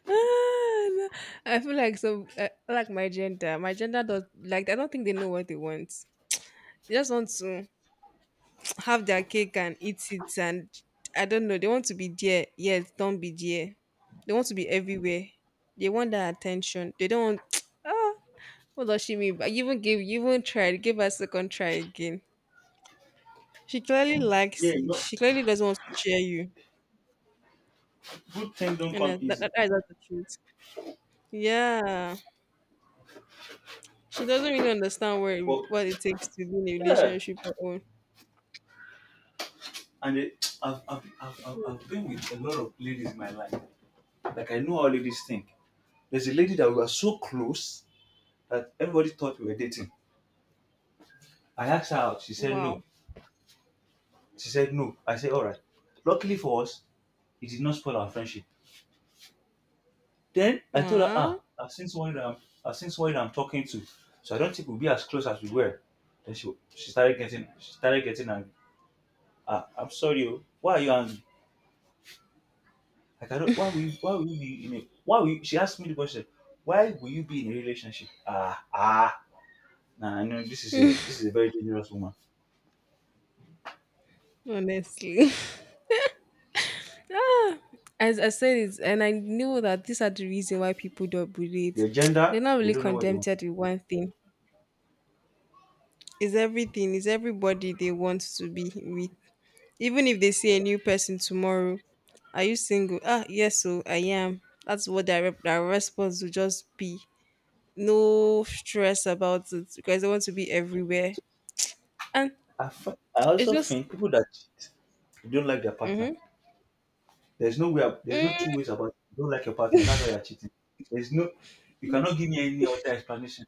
ah, no. I feel like so like my gender. My gender does, like, I don't think they know what they want. They just want to have their cake and eat it. And I don't know, they want to be there yet don't be there. They want to be everywhere. They want that attention. They don't want [TSK] ah what does she mean? But you even tried give her a second try again. She clearly
yeah,
likes
you
you.
know,
She clearly doesn't want to share you.
good things don't
And
come
that, that,
easy.
that is not the truth, yeah. She doesn't really understand
But
what it takes to be in a
yeah,
relationship or own.
and it, [TSK] I've been with a lot of ladies in my life. Like I know how ladies think. There's a lady that we were so close that everybody thought we were dating. I asked her out. She said no.
Wow,
She said no. I said all right. Luckily for us, it did not spoil our friendship. Then I told her,
wow,
ah, I've seen someone that I'm talking to, so I don't think we'll be as close as we were. Then she started getting angry. Ah, I'm sorry, oh. Why are you angry? Like I don't why will you be in a why will you, she asked me the question, why will you be in a relationship? Ah ah, nah, no, this is a very dangerous woman.
honestly. [LAUGHS] Ah, as I said it, and I knew that these are the reason why people don't bully it.
Your
[TSK] They're
gender,
not
they
really
don't know what they want.
contented with one thing. It's everything. It's everybody they want to be with. Even if they see a new person tomorrow, are you single? Ah, yes, so I am. That's what their response will just be. No stress about it because they want to be everywhere. And
I
it's
also
just
think people that cheat, they don't like their partner.
hmm
There's no way. Ab- there's no two ways about it. You don't like your partner. That's why you're cheating. There's no. You cannot give me any other explanation.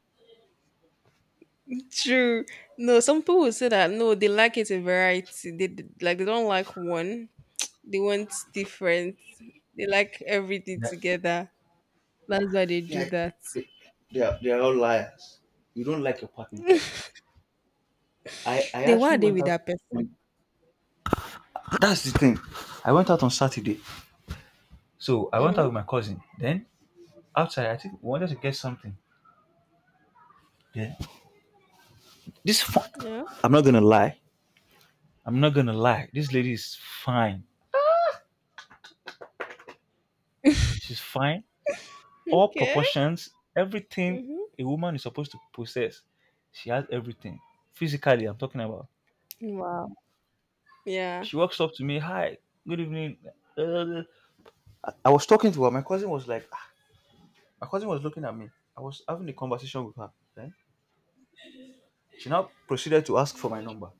true. No, some people will say that no, they like it in variety. They don't like one. They want different. They like everything
That
together. That's why they do
Yeah,
that.
they, they are all liars. You don't like your partner. I
They
actually
want they
went
with
out.
that person.
On, that's the thing. I went out on Saturday. So I went out
Mm-hmm.
with my cousin. Then outside, I think we wanted to get something. Then, This fu-
Yeah.
I'm not gonna lie. I'm not gonna lie, this lady is fine. She's fine, all
Okay.
proportions, everything
Mm-hmm.
a woman is supposed to possess, she has everything. Physically, I'm talking about.
Wow. Yeah.
She walks up to me, hi, good evening. Uh, I was talking to her. My cousin was like, "Ah." My cousin was looking at me. I was having a conversation with her. Then she now proceeded to ask for my number.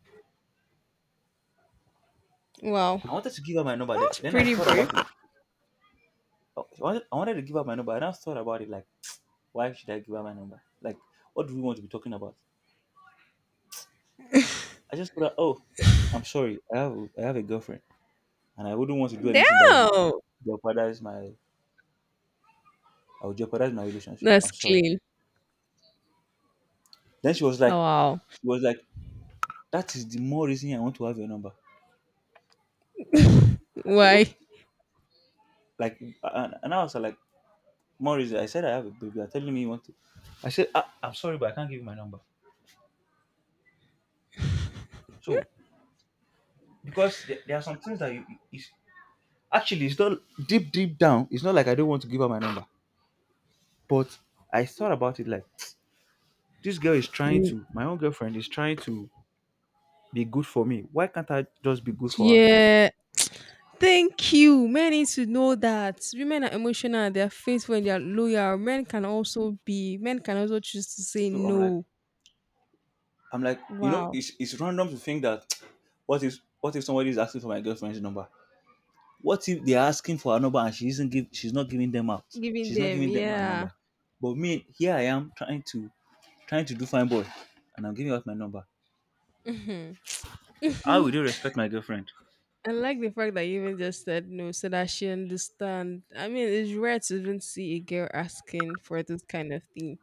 Wow.
I wanted to give her my number.
That
Then,
was
then I
pretty
thought
brave.
about it. Okay, I wanted to give her my number. And I now thought about it. Like, why should I give her my number? Like, what do we want to be talking about? I just thought, oh, I'm sorry. I have a girlfriend. And I wouldn't want to do anything that would
Damn.
jeopardize my I would jeopardize my relationship.
That's
I'm sorry.
clean.
Then she was
Oh,
like,
wow.
she was like, that is the more reason I want to have your number. I said, okay,
Why?
like, and I was like, more reason. I said I have a baby. You're telling me you want to. I said, I'm sorry, but I can't give you my number. So because there are some things that you is actually it's not deep deep down. It's not like I don't want to give her my number, but I thought about it like this girl is trying
Mm.
to my own girlfriend is trying to be good for me. Why can't I just be good for her too?
Yeah. Thank you. Men need to know that women are emotional, they are faithful, and they are loyal. Men can also choose to say
So I'm like,
no.
I'm like,
Wow.
it's random to think that [TSK] what if somebody is asking for my girlfriend's number? What if they're asking for her number and she isn't give she's not giving them out?
Giving
She's not
them,
giving them her
yeah.
number. But me, here I am trying to do fine boy, and I'm giving out my number.
Mhm.
How would you
[LAUGHS]
respect my girlfriend?
I like the fact that you even just said no, so that she understand. I mean, it's rare to even see a girl asking for this kind of thing,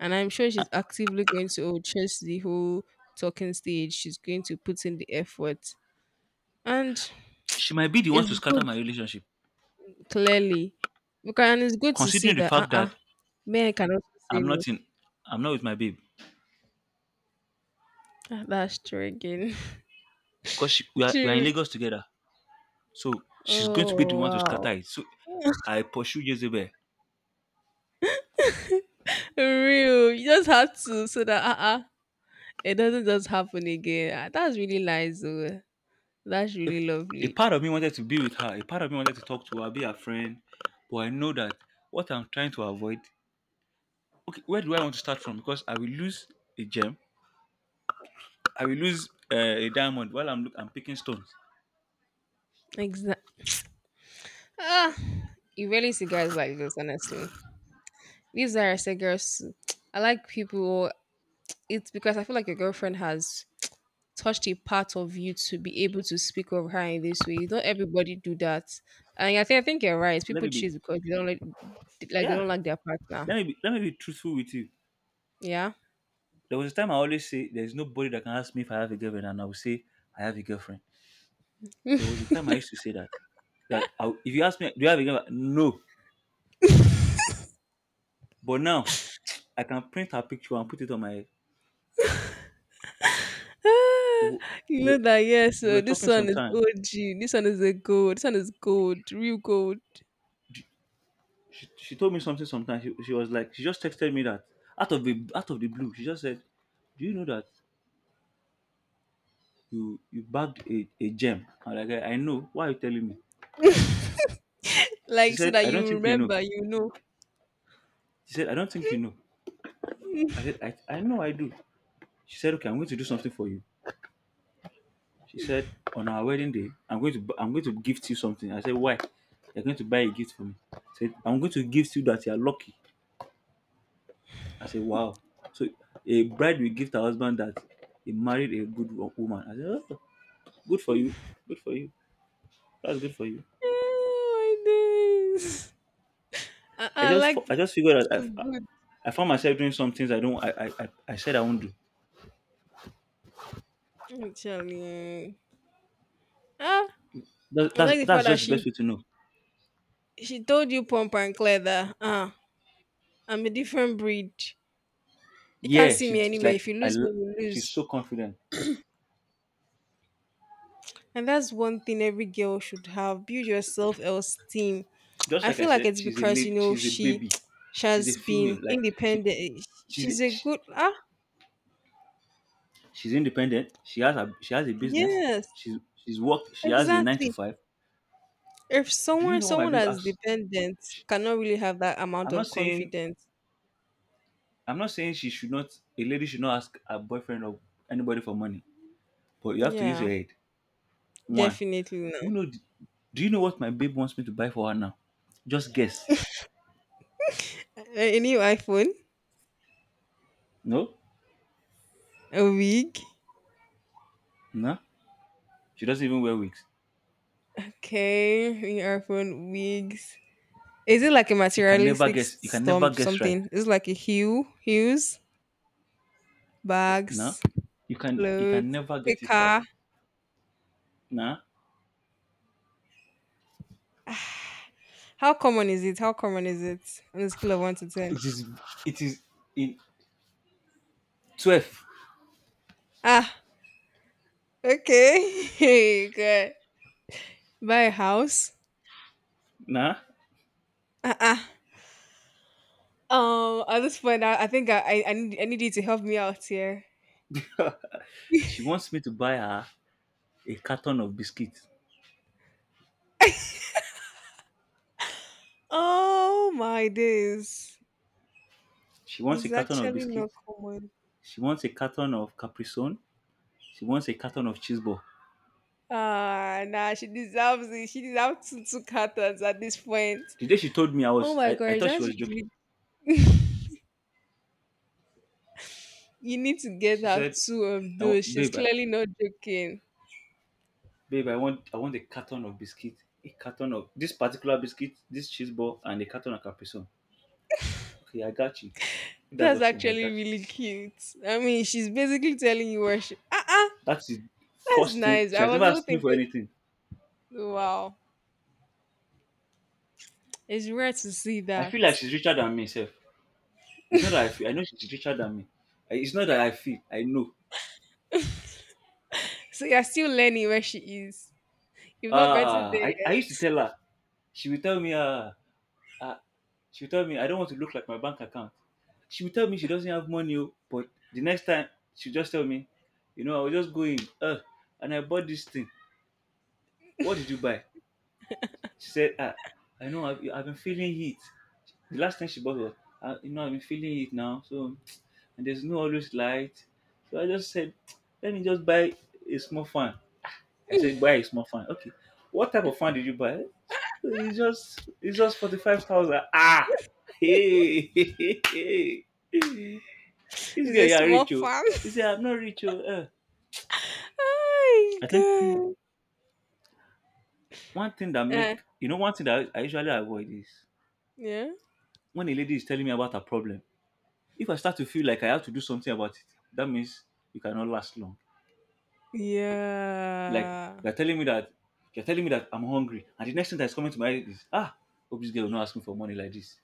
and I'm sure she's actively going to chase the whole talking stage. She's going to put in the effort, and
She might be the one
it's
to scatter
good
my relationship,
clearly, because and it's good to see
considering the
that
fact that
men can also say
I'm
no.
not in I'm not with my babe
Ah, that's true again.
because
[LAUGHS]
we are in
True.
Lagos together. So she's going to be the
Oh,
one to
wow.
scatter it. So
[LAUGHS]
I pursue Jezebel.
Real. You just had to, so that it doesn't just happen again. Ah, that's really nice, though. That's really
A
lovely.
part of me wanted to be with her, a part of me wanted to talk to her, be her friend, but I know that what I'm trying to avoid. Okay, where do I want to start from? Because I will lose a gem, I will lose a diamond while I'm picking stones.
Exactly. Ah, you really see guys like this, honestly. These are say girls. Too. I like people. It's because I feel like your girlfriend has touched a part of you to be able to speak of her in this way. Not everybody do that, and I think you're right.
Let
People
me be
choose because they don't like they
Yeah,
don't like their partner.
let me be truthful with you.
Yeah.
There was a time I always say there's nobody that can ask me if I have a girlfriend, and I will say I have a girlfriend. There
[LAUGHS]
was a time I used to say that, if you ask me, do you have a girlfriend? No. But now I can print her picture and put it on my.
Ah,
We,
you know
we,
that, yes,
we were
this
talking
one is
sometime.
og, this one is a gold, this one is gold, real gold.
She told me something. Sometimes, she was like, she just texted me that, out of the blue. She just said, "Do you know that you bagged a gem?" I'm like, I know. Why are you telling me?
[LAUGHS]
She
Like, so
said,
that
I don't
you
think you know.
remember.
She said, I don't think you know. I said, I know I do. She said, okay, I'm going to do something for you. She said, on our wedding day, I'm going to gift you something. I said, why? You're going to buy a gift for me. She said, I'm going to gift you that you're lucky. I said, wow. So a bride will gift her husband that he married a good woman. I said, "Oh." Good for you. Good for you. That's good for you.
Oh my days. I, I like
I just figured out i I,
it's
I found myself doing some things I don't I said I won't do.
good actually. Eh. Ah,
That,
I
that's
like the
that's
fact that
just the
she
best way to know.
she told you pump and clear that I'm a different breed. You can't
Yeah,
see me anywhere. If you lose me, you
she's
lose.
so confident.
And that's one thing every girl should have. Build your self esteem.
Just
I
like I
feel like
said,
it's
she's a
because you
lady.
know
She's a
she
baby.
[TSK] she
She's a
has
female.
been
Like she
independent.
she's
She's a
she,
good. ah
she's independent. She has a business.
yes
She's work. She has a nine to
exactly.
five.
If
Do you
someone
know what my
someone
babe
that's
asks?
dependent
She,
cannot really have that
I'm
amount
not
of
saying
confidence,
I'm not saying she should not a lady should not ask her boyfriend or anybody for money, but you have to use
yeah,
your head. One,
definitely no.
do you know? Do you know what my babe wants me to buy for her now? Just guess.
A new iPhone,
No,
a wig.
no. She doesn't even wear wigs.
Okay, new iPhone wigs. Is it like a
You can never
materialistic
guess. You can never
storm
guess right.
something? Is it like a hues,
No,
bags,
you can. You can
clothes,
never
a
get it right.
car?
Nah,
How common is it? How common is it on a scale of one to ten?
it is. It is in 12.
Ah, okay. [LAUGHS] Hey, good. Buy a house.
Nah,
Uh-uh. At this point, I think I need you to help me out here.
she wants me to buy her a carton of biscuits.
Oh my days,
She wants a
it's
carton of
actually not
biscuits.
common.
She wants a carton of Capri Sun. She wants a carton of cheese ball.
Ah, nah, she deserves it. She deserves two cartons at this point.
The day she told me, I
Oh
was.
my
I
gosh,
thought she
that's
was joking.
ridiculous. You need to get
She
her
said,
two of those. She's
"Babe,
clearly not joking.
babe, I want a carton of biscuit, a carton of this particular biscuit, this cheese ball, and a carton of Capri Sun." Okay, I got you. If that's
That's
what you want, I
actually
got you.
really cute. I mean, she's basically telling you where she. Ah, uh-uh,
That's the
that's
first thing.
nice.
She
I
has
was
never
even
asked me for
thinking,
anything.
wow, it's rare to see
I
that.
feel like she's richer than me, self. It's not that I feel. I know she's richer than me. It's not that I feel. I know.
So you're still learning where she is. You've not gotten
Ah,
there
I, I
yet.
used to tell her. She would tell me, ah. Ah, She'll tell me I don't want to look like my bank account. She'll tell me she doesn't have money, oh, but the next time she'll just tell me, I was just going, and I bought this thing. What did you buy? She said, I know I've been feeling heat. The last time she bought was, I've been feeling heat now, so and there's no always light. So I just said, let me just buy a small fan. I said, buy a small fan. Okay. What type of fan did you buy? It's just 45,000. Ah, [LAUGHS] hey, hey, hey, hey. This guy,
It's
yeah,
a small
rich, oh.
farm.
He said I'm not rich, oh. Eh.
[LAUGHS]
I think
Oh,
one thing that
God.
make one thing that I usually avoid is
Yeah.
when a lady is telling me about her problem. If I start to feel like I have to do something about it, that means you cannot last long. Like
Yeah.
you're telling me that you're telling me that I'm hungry, and the next thing that's coming to my head is hope this girl will not ask me for money like this.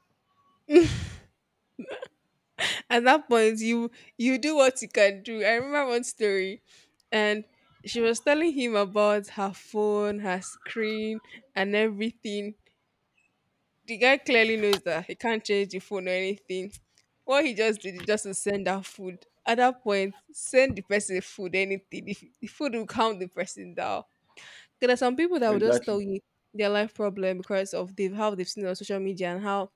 At that point, you do what you can do. I remember one story, and she was telling him about her phone, her screen, and everything. The guy clearly knows that he can't change the phone or anything. What he just did is just to send her food. At that point, send the person food, anything, if the food will calm the person down. There are some people that will just
Exactly.
tell you their life problem because of they've how they've seen it on social media, and how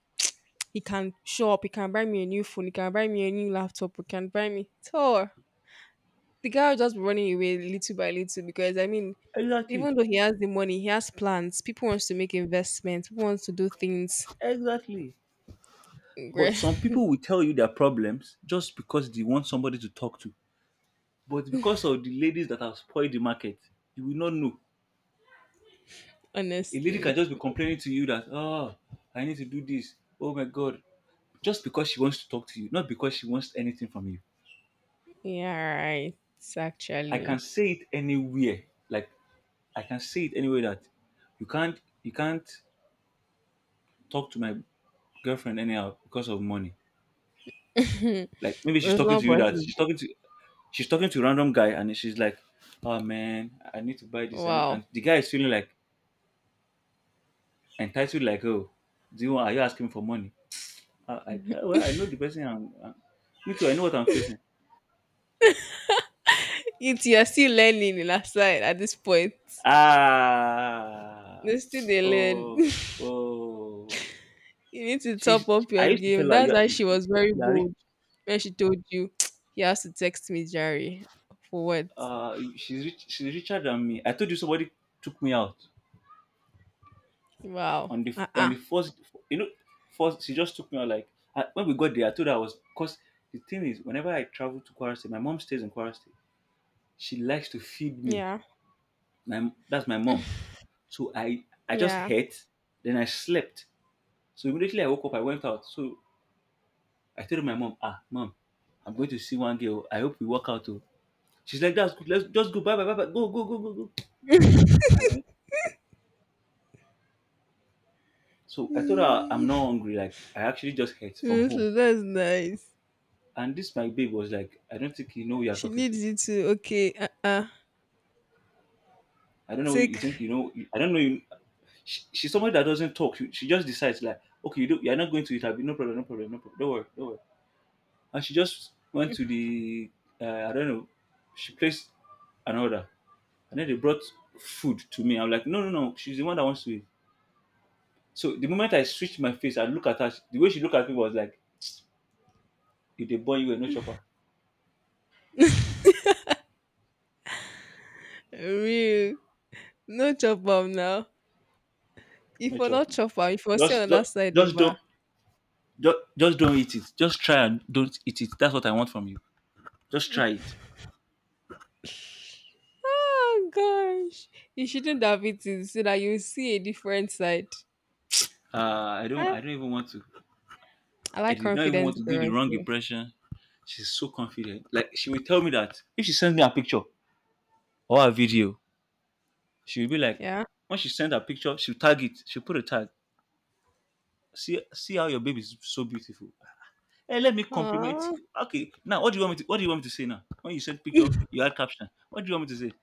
he can show up, he can buy me a new phone, he can buy me a new laptop, he can buy me so the guy will just be running away little by little, because I mean,
Exactly,
even though he has the money, he has plans. People wants to make investments, people wants to do things.
exactly. But
Great.
some
[LAUGHS]
people will tell you their problems just because they want somebody to talk to. But because of the ladies that have spoiled the market, you will not know. A lady can
Honestly.
just be complaining to you that, oh, I need to do this. Oh my God. Just because she wants to talk to you, not because she wants anything from you.
Yeah, right. It's
I
actually.
can say it anywhere. Like, I can say it anywhere that you can't talk to my girlfriend anyhow because of money. Like maybe she's
It's
talking to
not
you that
possible.
she's talking to a random guy and she's like, "Oh man, I need to buy this," and,
Wow.
and
[LAUGHS]
the guy is feeling like entitled, like, "Oh, are you asking for money?" Well, I know the person. I'm, I Me too. I know what I'm facing.
It's you're still learning in that side at this point.
Ah,
You still they learn.
oh,
[LAUGHS]
oh.
You need to top
She's.
up
I
your
used to tell
game.
her,
That's
"You're,
why she was very
you're rich.
bold when she told you, [TSK] he has to text me, Jerry. For what?
She's rich. She's richer than me." I told you somebody took me out.
Wow.
On the on the first you know first she just took me out. Like I, when we got there I told her I was, because the thing is whenever I travel to Kwara State, my mom stays in Kwara State, she likes to feed me,
Yeah.
my that's my mom, so I just
Yeah.
ate, then I slept. So immediately I woke up I went out, so I told my mom, ah, mom, I'm going to see one girl, I hope we walk out too. She's like, that's good, let's just go, bye bye bye bye, go go go go go.
[LAUGHS]
I went, so I told her I'm
Mm,
not hungry, like I actually just ate from home.
Honestly, that's nice.
And this my babe was like, I don't think you know who you're
She
talking to.
needs you to, okay,
I don't know. You think
take
you know? I don't know. She's somebody that doesn't talk. She just decides, like, okay, you do, you're not going to it. I'll be, no problem, no problem, no problem. Don't worry, don't worry. And she just went to the. I don't know. She placed an order, and then they brought food to me. I'm like, no, no, no. She's the one that wants to eat. So the moment I switched my face, I look at her. The way she looked at me was like, if they burn you, no chop am,
real. No chop up now. If
no
we're
chop
not
now.
chop up, if we're still
Just,
on that
just,
side of
just don't
her.
just don't eat it. Just try and don't eat it. That's what I want from you. Just try it.
Oh gosh. You shouldn't have it in so that you see a different side.
I don't.
Ah,
I don't even want to.
I
I
like
did not even want
confident
to give the
girls.
wrong
Too.
impression. She's so confident. Like she will tell me that if she sends me a picture or a video, she will be like,
Yeah.
when she sends a picture, she'll tag it. She'll put a tag. See, see how your baby is so beautiful. Hey, let me compliment
Aw,
you. Okay, now what do you want me to? What do you want me to say now? When you send picture, you add caption. What do you want me to say?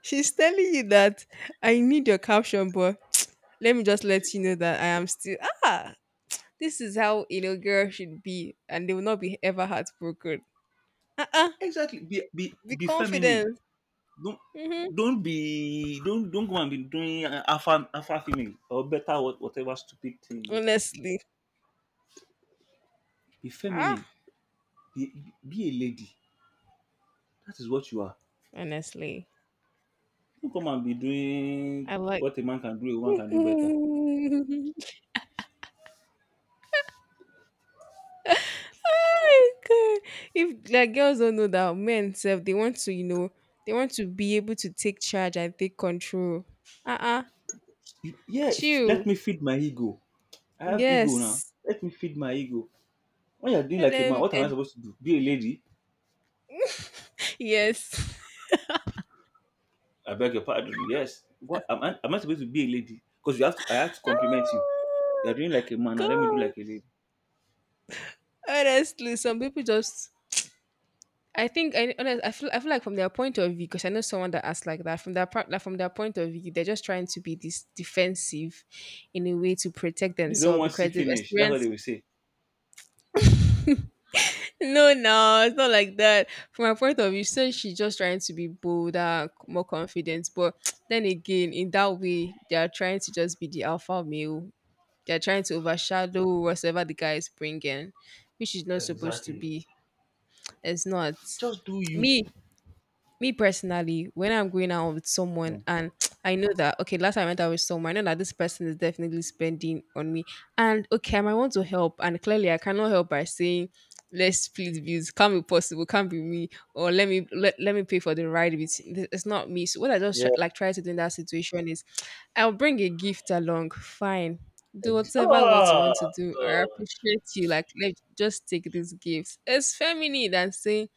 she's telling you that I need your caption, but [TSK] let me just let you know that I am still ah. This is how you know girl should be, and they will not be ever heartbroken. Uh uh
Exactly.
be
Be feminine.
confident.
don't
Mm-hmm.
don't go and be doing, alpha female, or better what, whatever stupid thing you want to do.
Honestly,
Be
ah,
feminine, be be a lady, that is what you are,
honestly,
don't come and be doing
I like.
what a man can do a woman can do better.
[LAUGHS] Ay, God. If, like, girls don't know that men self, they want to be able to take charge and take control. Uh uh
Yeah, let
Chill.
me feed my ego. I have ego, now
Yes.
let me feed my ego. When you're doing
Let
like a man,
them.
what am I supposed to do, be a lady?
Yes. [LAUGHS]
I beg your pardon, yes, what am I, am I supposed to be a lady because you have to, I have to compliment you? You're
Oh
doing like a man, now let me do
God.
like a lady.
Honestly, some people just. I think I honest, I feel like, from their point of view, because I know someone that asked like that. From their part, like, from their point of view, they're just trying to be this defensive, in a way to protect
They don't
themselves
want to see
because they've
finish, that's what they
experienced.
will say.
No, no, it's not like that. From my point of view, so she's just trying to be bolder, more confident. But [TSK] then again, in that way, they are trying to just be the alpha male. They're trying to overshadow whatever the guy is bringing, which is not supposed to
Exactly.
be. It's not
Just do you.
me. Me personally, when I'm going out with someone,
Mm.
and [TSK] I know that okay, last time I went out with someone, I know that this person is definitely spending on me. And okay, I might want to help, and clearly I cannot help by saying, let's split bills. Can't be possible, can't be me, or let me pay for the ride with It's not me. So what I just
Yeah,
try, like try to do in that situation is [TSK] I'll bring a gift along, fine. Do whatever what you
ah,
want to do. I
God.
appreciate you. Like, let just take this gift. It's feminine than saying,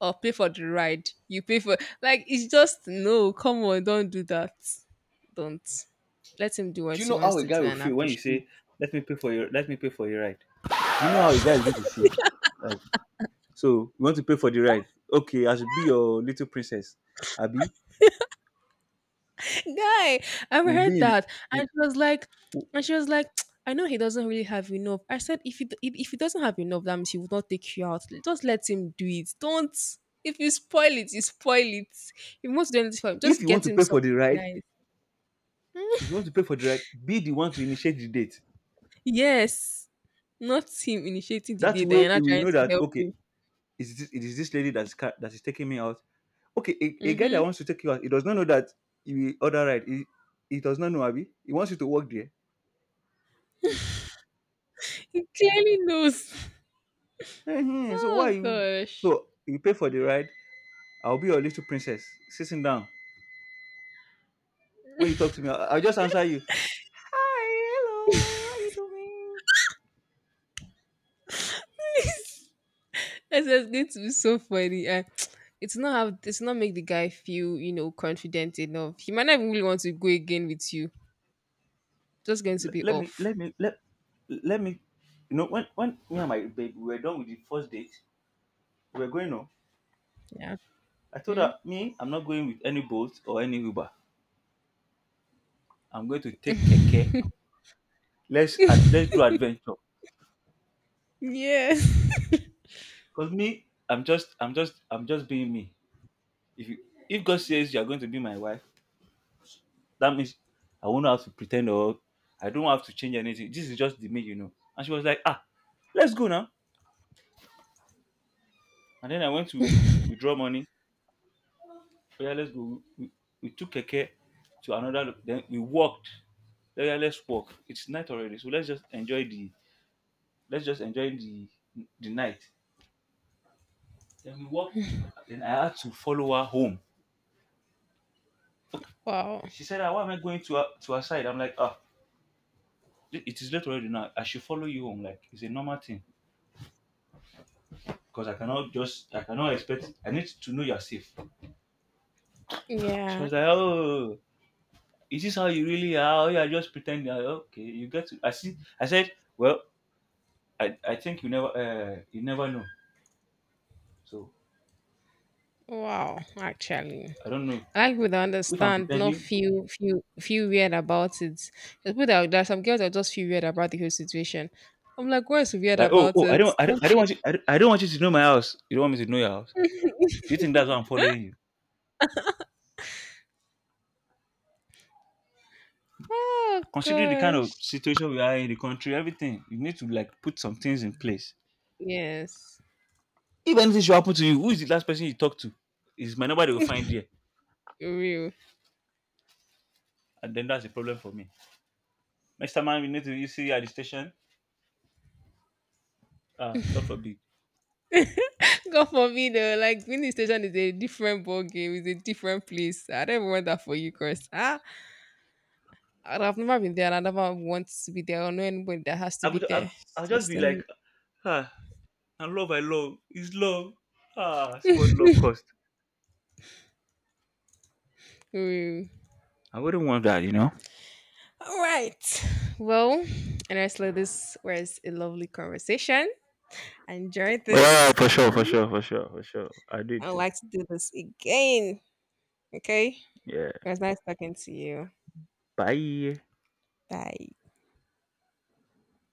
or pay for the ride. You pay for, like, it's just no, come on, don't do that. Don't. Let him do what he wants to
That
do
will
and
feel when you
appreciate.
say, " let me pay for your ride." You know how a guy is going to feel. Like, so you want to pay for the ride? Okay, I should be your little princess, Abby.
[LAUGHS] Guy, I've
Will be.
heard
In, the-
that.
w-
And she was like,
w-
and she was like, [TSK] I know he doesn't really have enough. I said, if he doesn't have enough, that means he would not take you out. Just let him do it. Don't. If you spoil it, you spoil it. If you want to do anything for him,
If
just
you want
get
to
him
pay for the
something
ride,
nice.
if you want to pay for the ride, be the one to initiate the date.
Yes. Not him initiating the
That
date and
way,
you're
he
not
will
trying
know
to
that,
help
okay,
him.
it is this lady that's that is taking me out. Okay, a guy that
hmm
wants to take you out, he does not know that you will order right. He does not know, Abby. He wants you to work there.
He clearly knows.
Ehen, so why
Oh
you?
gosh,
So you pay for the ride. I'll be your little princess sitting down. When you talk to me, I'll just answer you. Hi, hello. How you doing?
this is going to be so funny. And [TSK] it's not how, it's not make the guy feel, confident enough. He might not even really want to go again with you. Just going to
L-
be
let me,
off.
let me, let, let me. You know, when me and my babe we were done with the first date, we were going home.
Yeah.
I told
Hmm?
her, me, I'm not going with any boat or any Uber. I'm going to take keke. Let's do adventure.
Yes. [LAUGHS]
Cause me, I'm just I'm just being me. If you if God says you're going to be my wife, that means I won't have to pretend, or I don't have to change anything. This is just the me, you know. And she was like, ah, let's go now. And then I went to withdraw money. Oh, yeah, let's go. We took a care to another. Then we walked. Oh, yeah, let's walk. It's night already, so let's just enjoy the night. Then we walked to. Then I had to follow her home.
Wow.
She said, "Ah, why am I going to her side?" I'm like, "Ah, it is late already now. I should follow you home. Like, it's a normal thing because I cannot just, I cannot expect. I need to know you're safe." She
Yeah.
was like, "Oh, is this how you really are? Oh, you are just pretending." I Okay, you get to. I see. I said, "Well, I think you never know. So
Wow. Actually,
I don't know
I like people that
if I'm
understand, not
pretending."
feel weird about it. There's people that there's some girls that just feel weird about the whole situation. I'm like, what's weird
Like, oh,
about
oh,
it? Don't
I don't
you?
want you, I don't want you to know my house. You don't want me to know your house. Do you
[LAUGHS]
think that's why I'm following you?
Oh
Considering the kind
gosh.
of situation we are in the country, everything, you need to like put some things in place.
Yes,
If anything should happen to you, who is the last person you talk to? Is my number they will find there,
real.
and then that's a problem for me. Mister Man, we need to, you see, at the station. Ah, God forbid.
[LAUGHS] God forbid, though. Like, winning station is a different ball game. It's a different place. I don't even want that for you, Chris. Ah, I've never been there, and I never want to be there, or know anybody that has
I
to
would
be there.
I,
It's
I'll just
just
be like,
an
ah, I love, it's love. Ah, see what love cost.
[LAUGHS] real.
I wouldn't want that, you know.
All right. Well, and I said this was a lovely conversation. I enjoyed
Yeah,
this
for
with
sure, for
you.
sure, for sure, for sure. I did
I'd
too.
like to do this again. Okay.
Yeah.
It was nice talking to you.
Bye.
Bye.